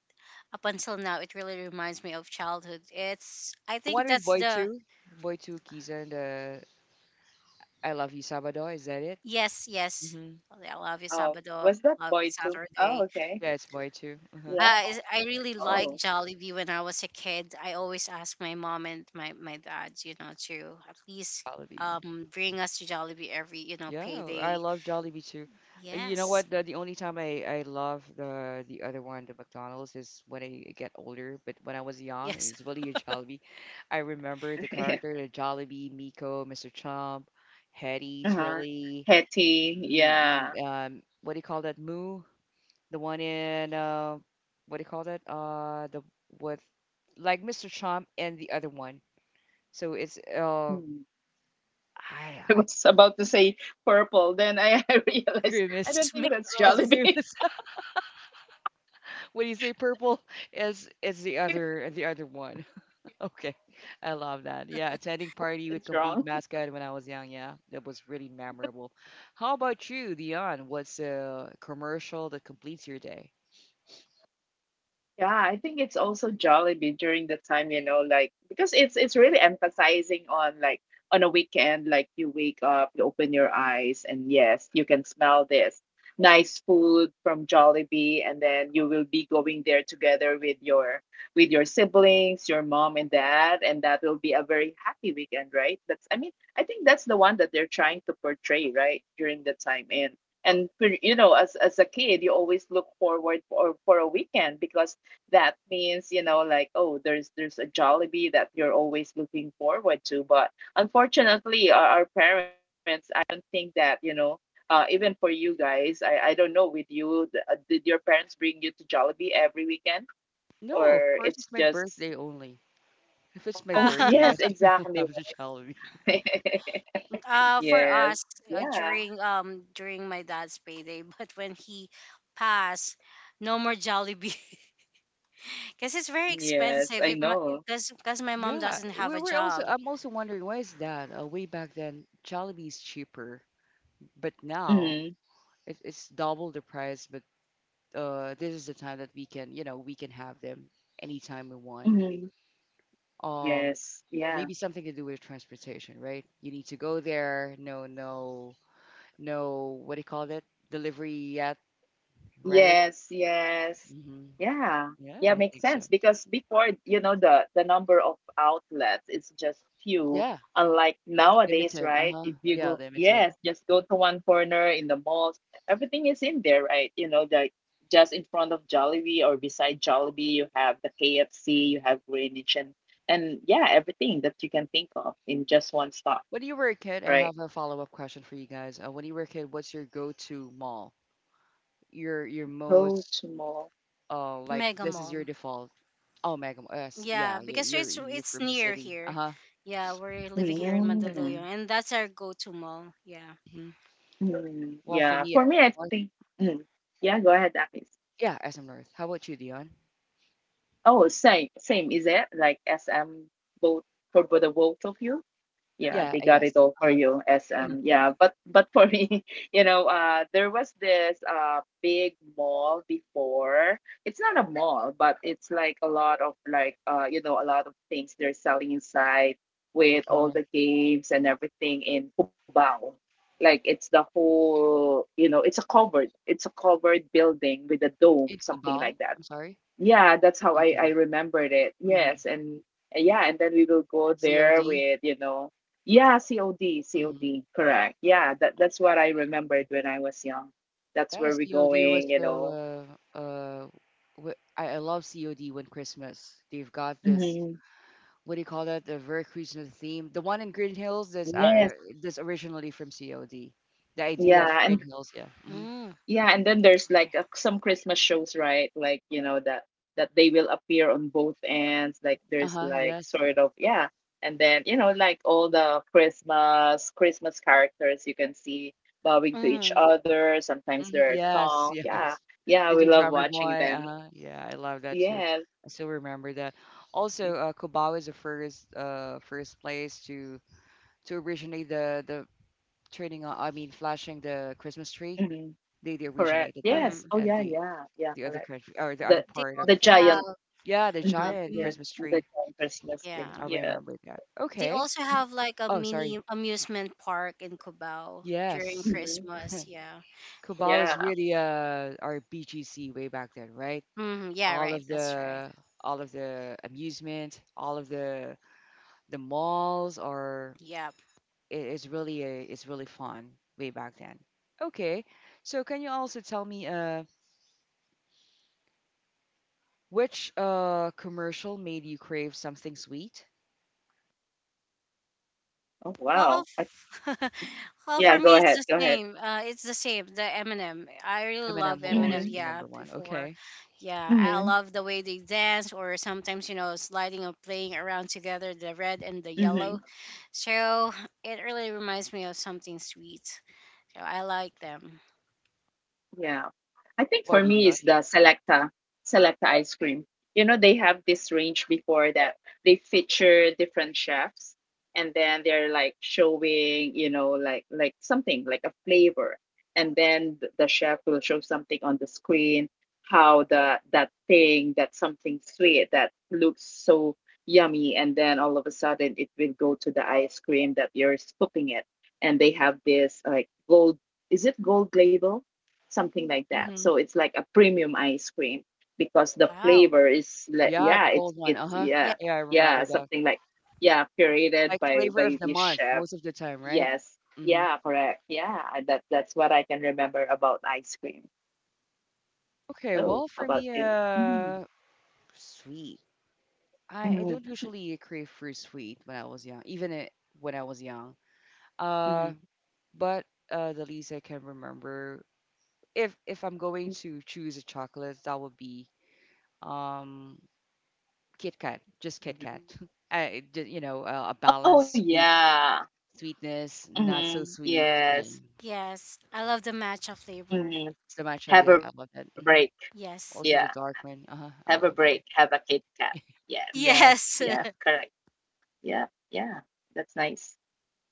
up until now, it really reminds me of childhood. It's I think One with that's boy the. 2, boy 2 keys, and I love you sabado, is that it? Yes, yes. Mm-hmm. Oh, yeah, I love you Oh, was Sabado, that I love you boy too? Oh, Saturday. okay. Yeah, it's boy 2. Yeah. Uh-huh. I really Oh. liked Jollibee when I was a kid. I always asked my mom and my dad, you know, to at least Probably. Bring us to Jollibee every, you know, Yeah, I payday. love Jollibee too. You know Yes. what? The only time I love the other one, the McDonald's, is when I get older. But when I was young, Yes. it's really a Jollibee. I remember the Yeah. character, the Jollibee, Miko, Mr. Chomp, Hetty, Uh-huh. Trilly, Hetty. Yeah. What do you call that? Moo, the one in what do you call that? The with like Mr. Chomp and the other one. So it's Hmm. I I was about to say purple. Then I, I realized I It's Grimace. don't just think that's It's McDonald's. Jollibee. Grimace. When you say purple, is the other, the other one. Okay, I love that. Yeah, attending party with It's complete wrong. mascot when I was young, yeah, that was really memorable. How about you, Dion? What's a commercial that completes your day? Yeah, I think it's also Jollibee during the time, you know, like, because it's really emphasizing on, like, on a weekend, like you wake up, you open your eyes, and yes, you can smell this nice food from Jollibee, and then you will be going there together with your, with your siblings, your mom and dad, and that will be a very happy weekend, right? That's, I mean, I think that's the one that they're trying to portray, right, during the time. And For, you know, as a kid, you always look forward for a weekend, because that means, you know, like, oh, there's a Jollibee that you're always looking forward to. But unfortunately, our parents, I don't think that, you know, even for you guys, I don't know with you, did your parents bring you to Jollibee every weekend, No, of or course, it's my it's birthday just only. If it's my oh Uh, birthday, yes yes, you will exactly. have the jollibee. For Yes, us yeah. during during my dad's payday, but when he passed, no more Jollibee. Because it's very Yes, expensive I if my know. cause because my mom Yeah, doesn't have we a were also, job. I'm also wondering why is that, way back then jollibee is cheaper, but now Mm-hmm. it, it's double the price, but this is the time that we can, you know, we can have them anytime we want. Mm-hmm. Um, Yes, yeah. maybe something to do with transportation, right? You need to go there. No, no, no. What do you call it? Delivery yet, right? Yes, yes. Hmm. Yeah. Yeah, Yeah, I makes think so. sense because before, you know, the number of outlets is just few. Yeah, Unlike nowadays, limited. Uh right? huh. If you Yeah, go, limited. yes, just go to one corner in the malls, everything is in there, right? You know, the just in front of Jollibee or beside Jollibee, you have the KFC, you have Greenwich, and yeah, everything that you can think of in just one stop, When you were a kid, I right? have a follow up question for you guys. When you were a kid, what's your go to mall? Your Go most to mall. Like Mega this is your Mall. default. Oh, Mega. Yes, Yeah, yeah. Because you're it's you're it's from the near city. Uh here. huh. Yeah, we're living here in Mm. Mandaluyong, and that's our go-to mall. Yeah. Mm, Well, for yeah, me, for me, I well, think, mm, yeah, go ahead, Akis. yeah, SM North. How about you, Dion? Oh, same, same. Is it like SM, both for the both of you? Yeah, Yeah, they got it yes. all for Uh-huh. you, SM. Uh-huh. Yeah, but for me, you know, there was this, big mall before. It's not a mall, but it's like a lot of, like, you know, a lot of things they're selling inside, with all Okay. the games and everything, in Cubao. Like it's the whole, you know, it's a covered, it's a covered building with a dome, In something Cubao, like that. I'm sorry. Yeah, that's how In I Cubao. remembered it, Mm-hmm. yes. and Yeah, and then we will go there COD. with, you know, yeah, COD. Mm-hmm. COD, correct. Yeah, that that's what I remembered when I was young. That's Yeah, where we're COD was going, you know. the uh, uh wh- I love COD when Christmas. They've got this Mhm. what do you call that? The very Christmas theme. The one in Green Hills Yes, uh, that's originally from COD. The idea of yeah. Green and Hills, yeah. Mm-hmm. Mm, Yeah, and then there's okay. like a, some Christmas shows, right? Like, you know, that that they will appear on both ends. Like there's Uh-huh, like yes. sort of yeah. And then, you know, like all the Christmas, Christmas characters you can see bowing to each Mm, other. Sometimes Mhm. there are Yes, songs. yes. Yeah. Yeah, we Little love Drummer watching Boy. them. Yeah, I love that too. Yes. I still remember that. Also, Cubao is the first first place to originate the turning on. I mean, flashing the Christmas tree. Mm-hmm. They Correct. originated that, Yes. mm. Oh and yeah, the yeah. Yeah, other correct. country or the other The They part of the also Philippines. have giant, Yeah, the um, mhm, giant yeah, Christmas the tree. giant Christmas tree. Mm, yeah. I Yes. remember that. They Okay. also have like a Oh, mini sorry. amusement park in Cubao during Yes. hmm Christmas. Yeah. Cubao is Yeah. really our BGC way back then, right? Mm, yeah. all Right. of That's right. the all of the amusement, all of the malls are, Yeah. It's really it's really fun way back then. Okay, so can you also tell me which commercial made you crave something sweet? Oh Well, wow. f- well, Yeah, for go me it's ahead. the Go ahead. same. It's the same. The Eminem. I really love Eminem will Eminem. always Mhm. be Yeah, number one. before, Okay, yeah, I Mhm. love the way they dance, or sometimes you know, sliding or playing around together, the red and the yellow. Mhm. So it really reminds me of something sweet. So I like them. Yeah. I think for Body me Dior. is the Selecta, Selecta ice cream. You know, they have this range before that they feature different chefs, and then they're, like, showing, you know, like, something like a flavor. And then the chef will show something on the screen, how the that thing, that something sweet that looks so yummy, and then all of a sudden it will go to the ice cream that you're scooping it. And they have this like gold, is it gold label? Something like that. Mm-hmm. So it's like a premium ice cream, because the Wow. flavor is like, Yeah, yeah, the it's gold one. Uh it's huh. Yeah. yeah. Yeah, I remember Yeah, that. something like, yeah, curated Like flavor of by the this month chef. most of the time, right? Yes, Mm-hmm. yeah, correct. Yeah, I- that, that's what I can remember about ice cream. Okay, So well for about me, you. Mhm, sweet. I mhm, don't usually crave for sweet when I was young, when I was young. Uh, mhm, but the least I can remember, if I'm going to mhm. choose a chocolate, that would be um Kit Kat, just Kit Kat. mhm. You know, a Oh balanced sweet yeah. sweetness, not so sweet. Yeah, Yes. Yes, I love the matcha flavor. it's the matcha. Yeah, I love that. hmm Hmm. Yes. Have Also the a dark break. one. Uh-huh, I love Yeah. that. Have a break. Have a Kit Yes. Yes. Kat. Yes. Yeah. Correct.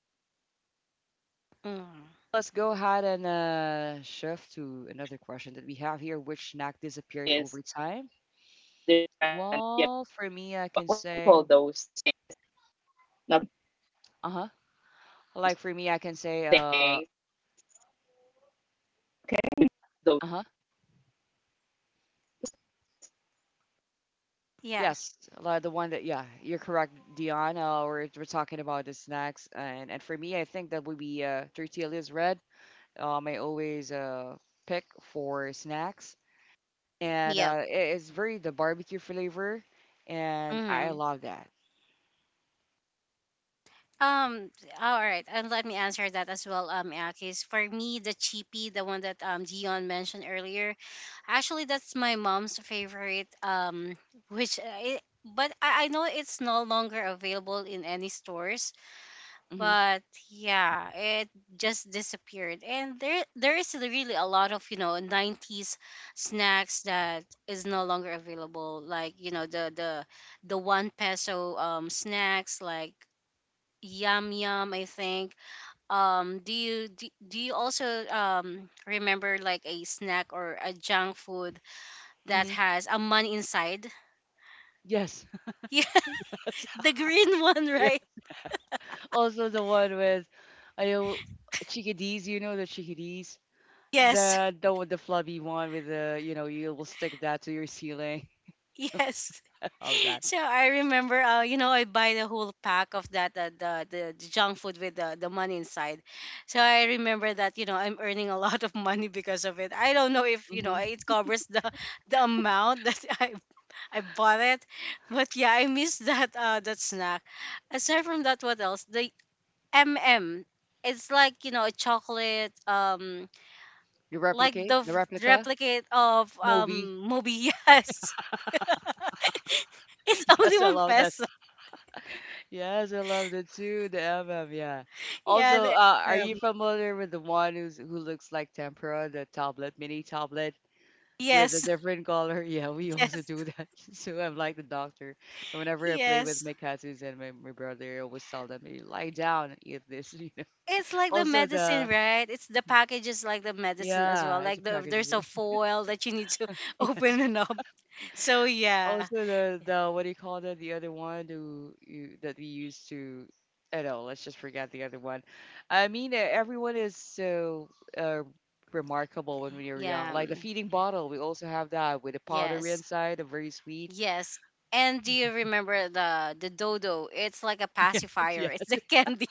Yeah. Yeah. That's Mm. nice. Let's go ahead and shift to another question that we have here. Which snack disappeared over time? This different, Well, you for know, me, I what can what do you call say, those things? uh-huh. Like Okay. for me, I can say, uh-huh. Yeah. yes, like the one that, yeah, you're correct, Dion. We're talking about the snacks, and for me, I think that would be tortillas red. I always pick for snacks, and Yep. It's very the barbecue flavor, and I Mhm. love that. Um, all right, and let me answer that as well, Akis. For me, the cheapy, the one that Dion mentioned earlier, actually that's my mom's Yeah. favorite. Which I, but I know it's no longer available in any stores. Mm-hmm. But yeah, it just disappeared, and there is really a lot of, you know, '90s snacks that is no longer available, like you know the one peso snacks like Yum Yum, I think. Do you also remember like a snack or a junk food that Mm-hmm. has a man inside? Yes. Yeah, the green one, Yeah. right? Also the one with, I know chickadees. You know the chickadees. Yes, The the flubby one with the you will stick that to your ceiling. yes. Love that. So I remember, you know, I buy the whole pack of that, the junk food with the money inside. So I remember that, you know, I'm earning a lot of money because of it. I don't know if you know Hmm. it covers the the amount that I bought it. But yeah, I miss that snack. Aside from that, what else? The MM. It's like, you know, a chocolate, You like replicate the the replica replicate of movie. Movie, yes. It's only Yes, I one love that. peso. Yes, I love that too. The MM, yeah. Yeah, Also, the are MM. you familiar with the one who's who looks like tempera, the tablet, mini tablet with a Yes, different color? Yeah, we also yes, do that. So I'm like the doctor. And whenever I play with yes. my cousins and my brother, I always tell them, "You lie down and eat this. It's like the Also medicine, the right? It's the package is like the medicine as well. yeah, it's a Like package. there's a foil that you need to Yes. open it up. So yeah, Also the what do you call that? The other one do you that we used to. I know. Let's just forget the other one. Everyone is so uh, remarkable when we were young. yeah, Like the mm, feeding bottle, we also have that with a powder yes. inside, a very sweet. Yes. And do you remember the dodo? It's like a Yes, pacifier. It's yes, the candy.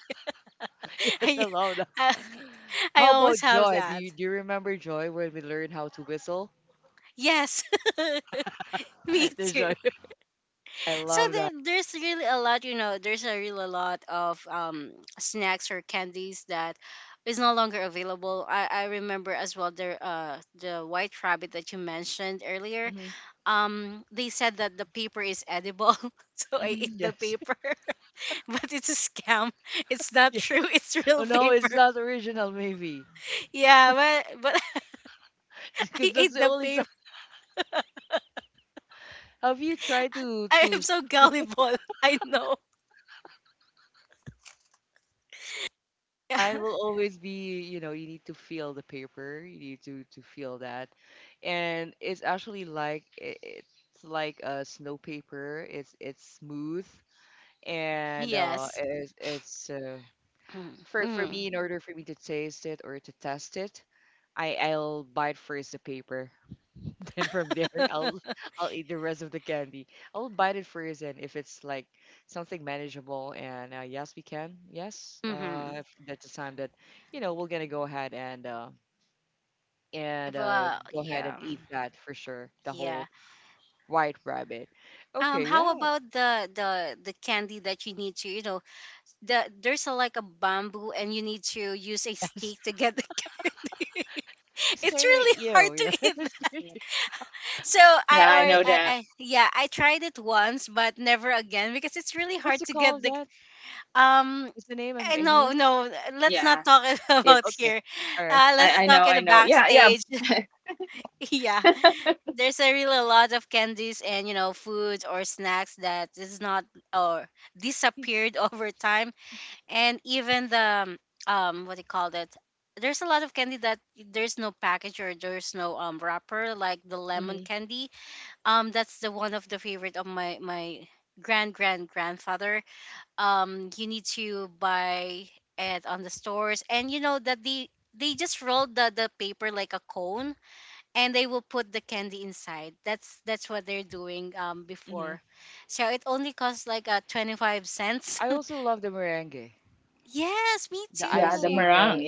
yes. I, I love that. I I How always about have Joy? Do that. you do you remember Joy when we learned how to whistle? Yes. Me There's too. Joy. I So love that. There's really a lot, you know, there's a real a lot of snacks or candies that is no longer available. I remember as well the white rabbit that you mentioned earlier. Hmm. They said that the paper is edible, so I Hmm, eat the yes. paper. But it's a scam. It's not Yeah. true. It's Oh real no, it's paper. not original. Maybe. Yeah, but Because I that's ate the the only si- paper. Have you tried to I am to so gullible. I know. Yeah. sign will always be, you need to feel the paper, you need to feel that. And it's actually like it's like a snow paper. It's smooth and Yes. It's Mm. For me Mm. in order for me to taste it or to test it, I'll bite first the paper. Then from there, I'll eat the rest of the candy. I'll bite it first, and if it's like something manageable, and yes, we can. Yes, Mm-hmm. If that's the time that we're gonna go ahead and Well, go ahead yeah. and eat that for sure. The Yeah. whole white rabbit. Okay, How yeah, about the candy that you need to, you know, there's a like a bamboo and you need to use a yes, stick to get the candy. it's It's kind of really hard you. to Yeah, eat. it's So I kind or of I, I yeah, I tried it once but never again because it's really what's hard the to call get of the that? um What's the name? Eh, no, no, let's not talk about Okay, here. all right. Let's talk in the backstage. Yeah, there's a really a lot of candies and you know foods or snacks that is not or disappeared over time, and even the um what do called it there's a lot of candy that there's no package or there's no wrapper, like the lemon Mm-hmm, candy. That's the one of the favorite of my grand grandfather. You need to buy it on the stores, and you know that they just rolled the paper like a cone, and they will put the candy inside. That's what they're doing mm-hmm. before. So it only costs like 25 cents. I also love the merengue, Yes, me the too. icing, the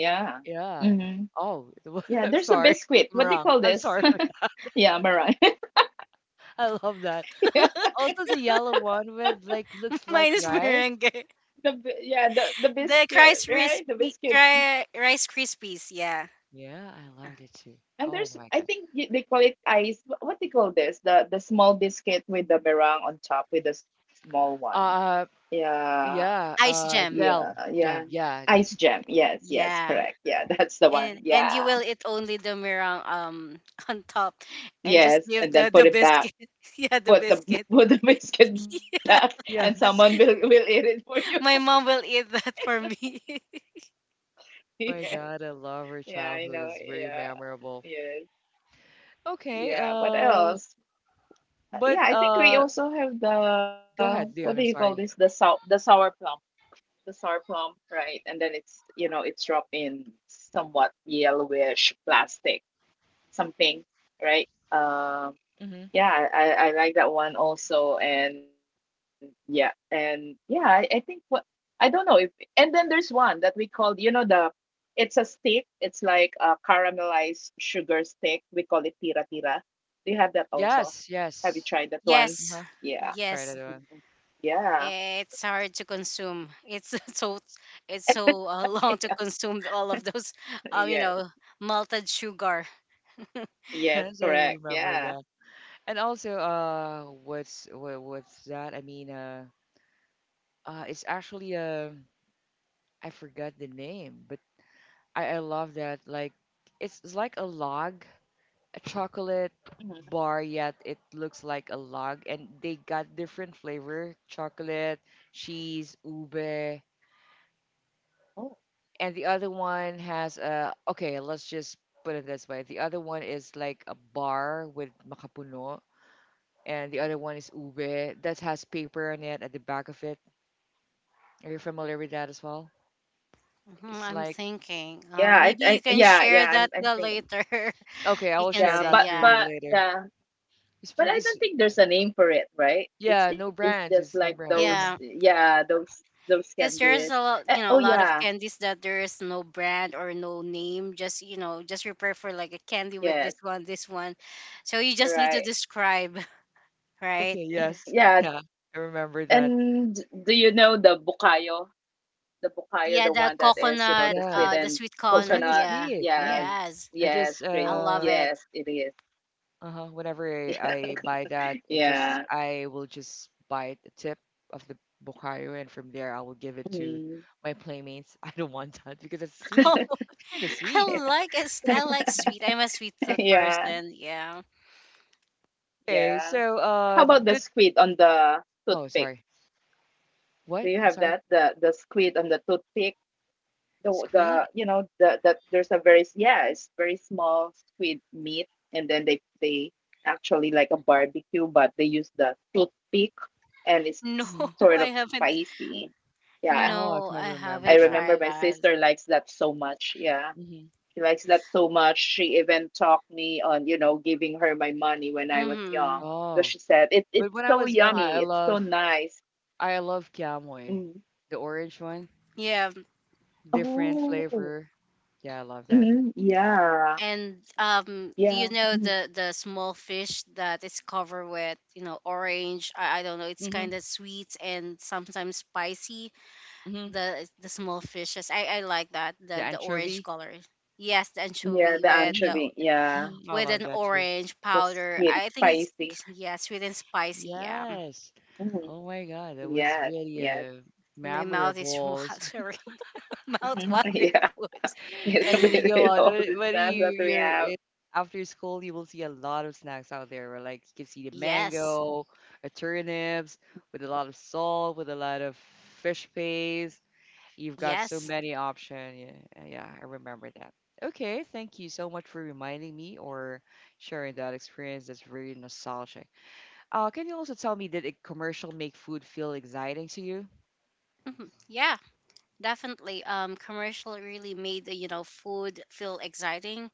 yeah. Oh, the I'm sorry, I'm wrong. I'm sorry. I love that. Also, the yellow one with like looks like Mine is rice. merengue. The rice crispy, rice krispies, yeah. Yeah, I loved it too. Oh my god. Uh, yeah. Ice gem. Gel jam. Yeah, Yeah, and you will eat only the meringue on top, and just give the biscuit. Yeah, the biscuit. yes. My mom will eat that for me. Oh my god, I love her childhood. It's very memorable. Okay. But go ahead, Leon. I'm sorry. Mm-hmm. Yes, yes. Yes. Uh-huh. Try Yes. that one. Eh, it's hard to consume, it's so it's so long to consume all of those, you know, malted sugar. Yes, I remember that. And also, what's that? It's actually I forgot the name, but I love that. Like, it's like a log, a chocolate bar, yet it looks like a log, and they got different flavor: chocolate, cheese, ube, and the other one has okay, let's just put it this way: the other one is like a bar with makapuno, and the other one is ube that has paper on it at the back of it. Are you familiar with that as well? Mhm, It's I'm like thinking maybe you can share that later. okay, I You will can share say that for yeah. you later. It's pretty. It's, yeah, no brands. It's no brand. Uh-huh. Yeah. Because there's a lot, you know, a lot of candies that there is no brand or no name. Just you know, just prepare for like a candy with this one, this one. So you just need to describe, right? Okay. Yes. Yeah. I remember that. Yeah, the coconut, Yeah. The sweet It was coconut. really Yeah, sweet. Yeah. yes, I just I love it. uh-huh. Whenever I buy that, it just I will just buy the tip of the Bokayo, and from there I will give it to my playmates. I don't want that because it's sweet. Oh, It's kind of sweet. I like it. I like sweet. I'm a sweet tooth person. Yeah. Okay. So did oh sorry. What? I'm sorry. Squid? No, Mhm. I haven't. Oh, I No, can I remember haven't that. tried that. Hmm. Mm-hmm. Oh, but when I was young, I love Kiamoy, the orange one, Yeah. different flavor. Yeah, I love that. And do you know the small fish that is covered with you know orange? I don't know. It's Hmm. kind of sweet and sometimes spicy. Hmm. The small fishes. I like that. The The orange anchovy. color. Yes, the anchovy with the Hmm. Hmm, I with love an that too. orange powder. I think it's yeah sweet and spicy. Yeah, Yes. Oh my God, that was really a my mouth is memorable. It's watering. Mouth watering And food. when you go out, when you're in, after school, you will see a lot of snacks out there. Where like you can see the Yes. mango, a turnips with a lot of salt, with a lot of fish paste. You've got so Yes. many options. Yeah, yeah, I remember that. Okay, thank you so much for reminding me or sharing that experience. That's very nostalgic. Can you also tell me, did a commercial make food feel exciting to you? Mhm. Yeah. Definitely, commercial really made you know, food feel exciting,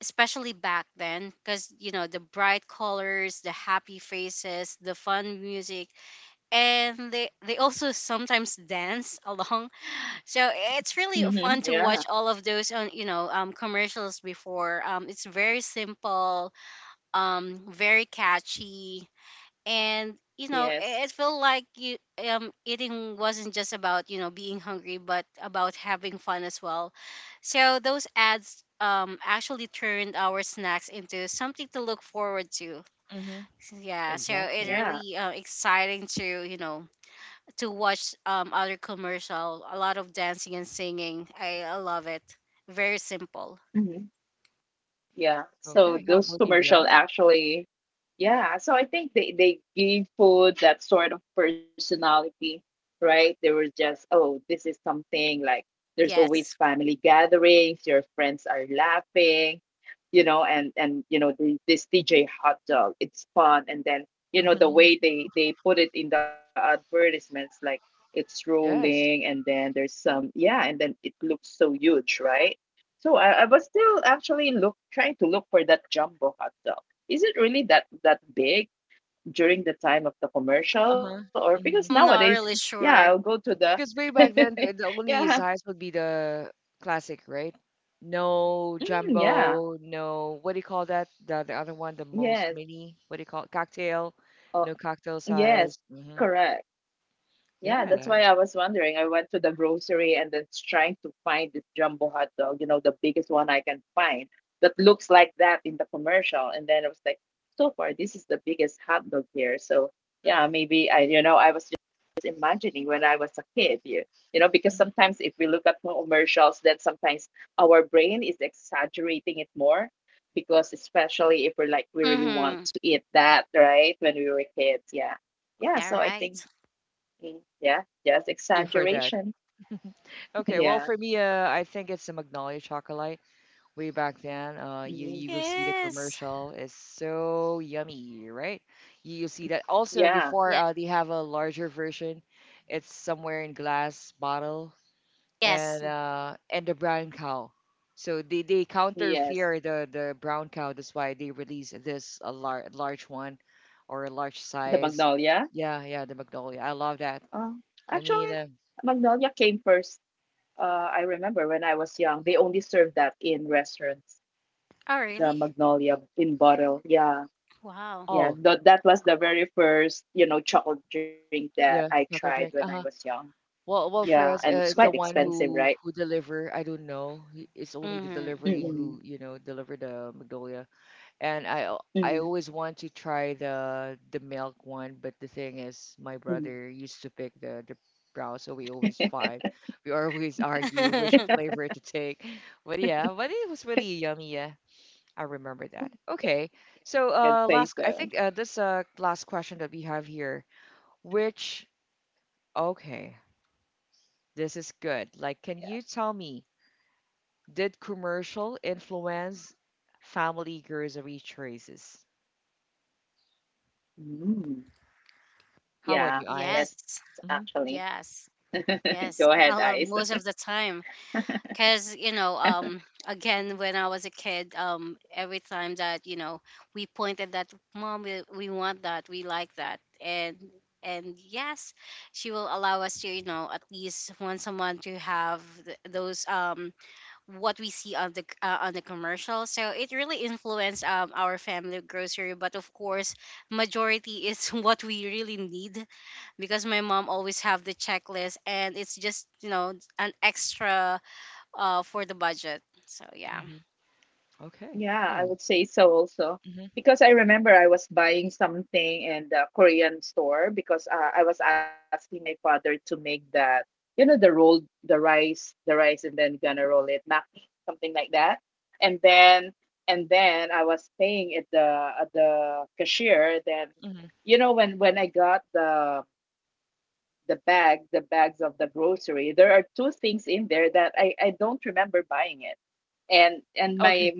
especially back then, because you know the bright colors, the happy faces, the fun music, and they also sometimes dance along. So it's really fun to watch all of those on you know commercials before. It's very simple, very catchy, and you know it felt like you eating wasn't just about you know being hungry but about having fun as well. So those ads actually turned our snacks into something to look forward to. Mm-hmm. Yeah, so it's Exactly. really exciting to you know to watch other commercial, a lot of dancing and singing. I love it. Very simple. Okay. How about you, Dion? Yes, Mm-hmm. Yes. Uh-huh. Hmm. I'm not really sure. Because way back then, the only size would be the classic, right? No jumbo, no, what do you call that? The other one, the most mini, what do you call it? Cocktail, no cocktail size. Hmm. Yeah, hmm, Mm-hmm. Yeah, right. here for that. Okay, well, for me, I think it's the Magnolia Chocolate. Way back then, you will see the Yes. commercial is so yummy, right? You'll see that also before Yeah. They have a larger version. It's somewhere in glass bottle Yes. And the brown cow. So they counterfear the brown cow. That's why they release this a large one or a large size. Yeah, yeah, the Magnolia. I love that. I mean, uh, Oh, really? Wow. oh yeah, chocolate drink. Well, for us, it's the one who deliver. I don't know. It's only the Mm-hmm. delivery who deliver the Magnolia. And I always want to try the milk one, but the thing is, my brother used to pick the brown, so we always fight. We always argue which flavor to take. But yeah, but it was really yummy. Yeah, I remember that. Okay, so last I think this last question that we have here, which okay. This is good. Like, can you tell me, did commercial influence family grocery choices? How about you, Yes, eyes? Hmm. yes, yes. I love most of the time, cause you know, again, when I was a kid, every time that you know we pointed that, mom, we want that, we like that, and yes, she will allow us to, you know, at least once a month to have th- those what we see on the commercial. So it really influenced our family grocery, but of course majority is what we really need, because my mom always have the checklist and it's just you know an extra for the budget. So yeah. Hmm. Okay. Yeah. Hmm. Hmm. Okay.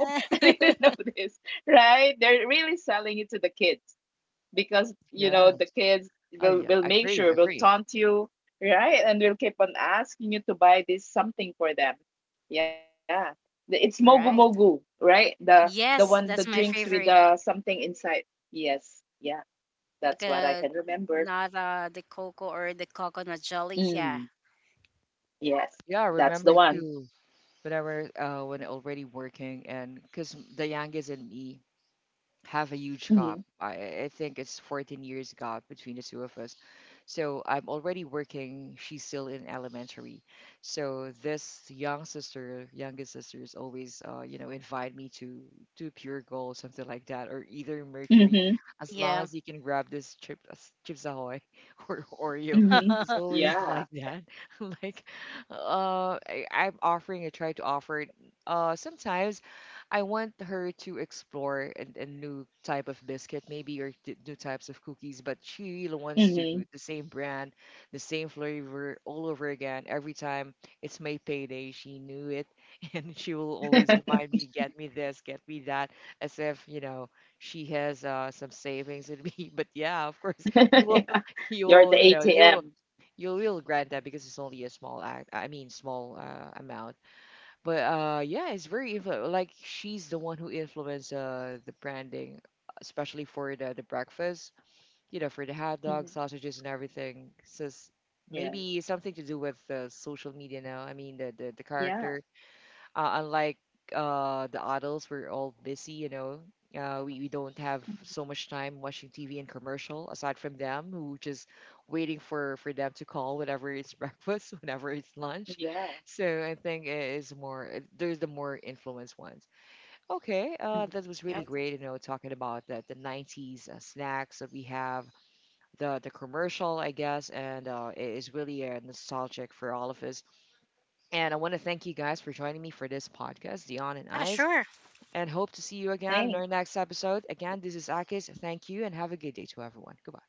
Yeah. Oh, yeah. Agree. Agree. Right. Yes, that's my favorite. Like not the cocoa or the coconut jelly. Yeah. Yeah. I remember too, whenever, when already working, and because the youngest and me, have a huge gap. I think it's 14 years gap between the two of us. So I'm already working. She's still in elementary. So this young sister, youngest sister, is always, invite me to Pure Gold, something like that, or either Mercury, as long Yeah. as you can grab this chip, Chips Ahoy or Oreo. She's always like that. Like, I'm offering. I try to offer it. Sometimes I want her to explore a new type of biscuit, maybe or new types of cookies, but she really wants to the same brand, the same flavor all over again. Every time it's my payday, she knew it, and she will always remind me, "Get me this, get me that," as if she has some savings in me. But yeah, of course, you will, you will, you know, you will you will grant that because it's only a small act I mean small amount. But yeah, it's very like she's the one who influenced the branding, especially for the breakfast. You know, for the hot dogs, sausages, and everything. So maybe something to do with the social media now. The character unlike the adults, we're all busy, you know. We don't have so much time watching TV and commercial aside from them who just waiting for them to call whenever it's breakfast, whenever it's lunch. So I think it is more, there's the more influence ones. Okay, that was really Yep. great, you know, talking about the 90s snacks that we have, the commercial, I guess, and it is really nostalgic for all of us, and I want to thank you guys for joining me for this podcast, Dion and Ah, Eyes, sure. and hope to see you again in our next episode. Again, this is Akis. Thank you and have a good day to everyone. Goodbye.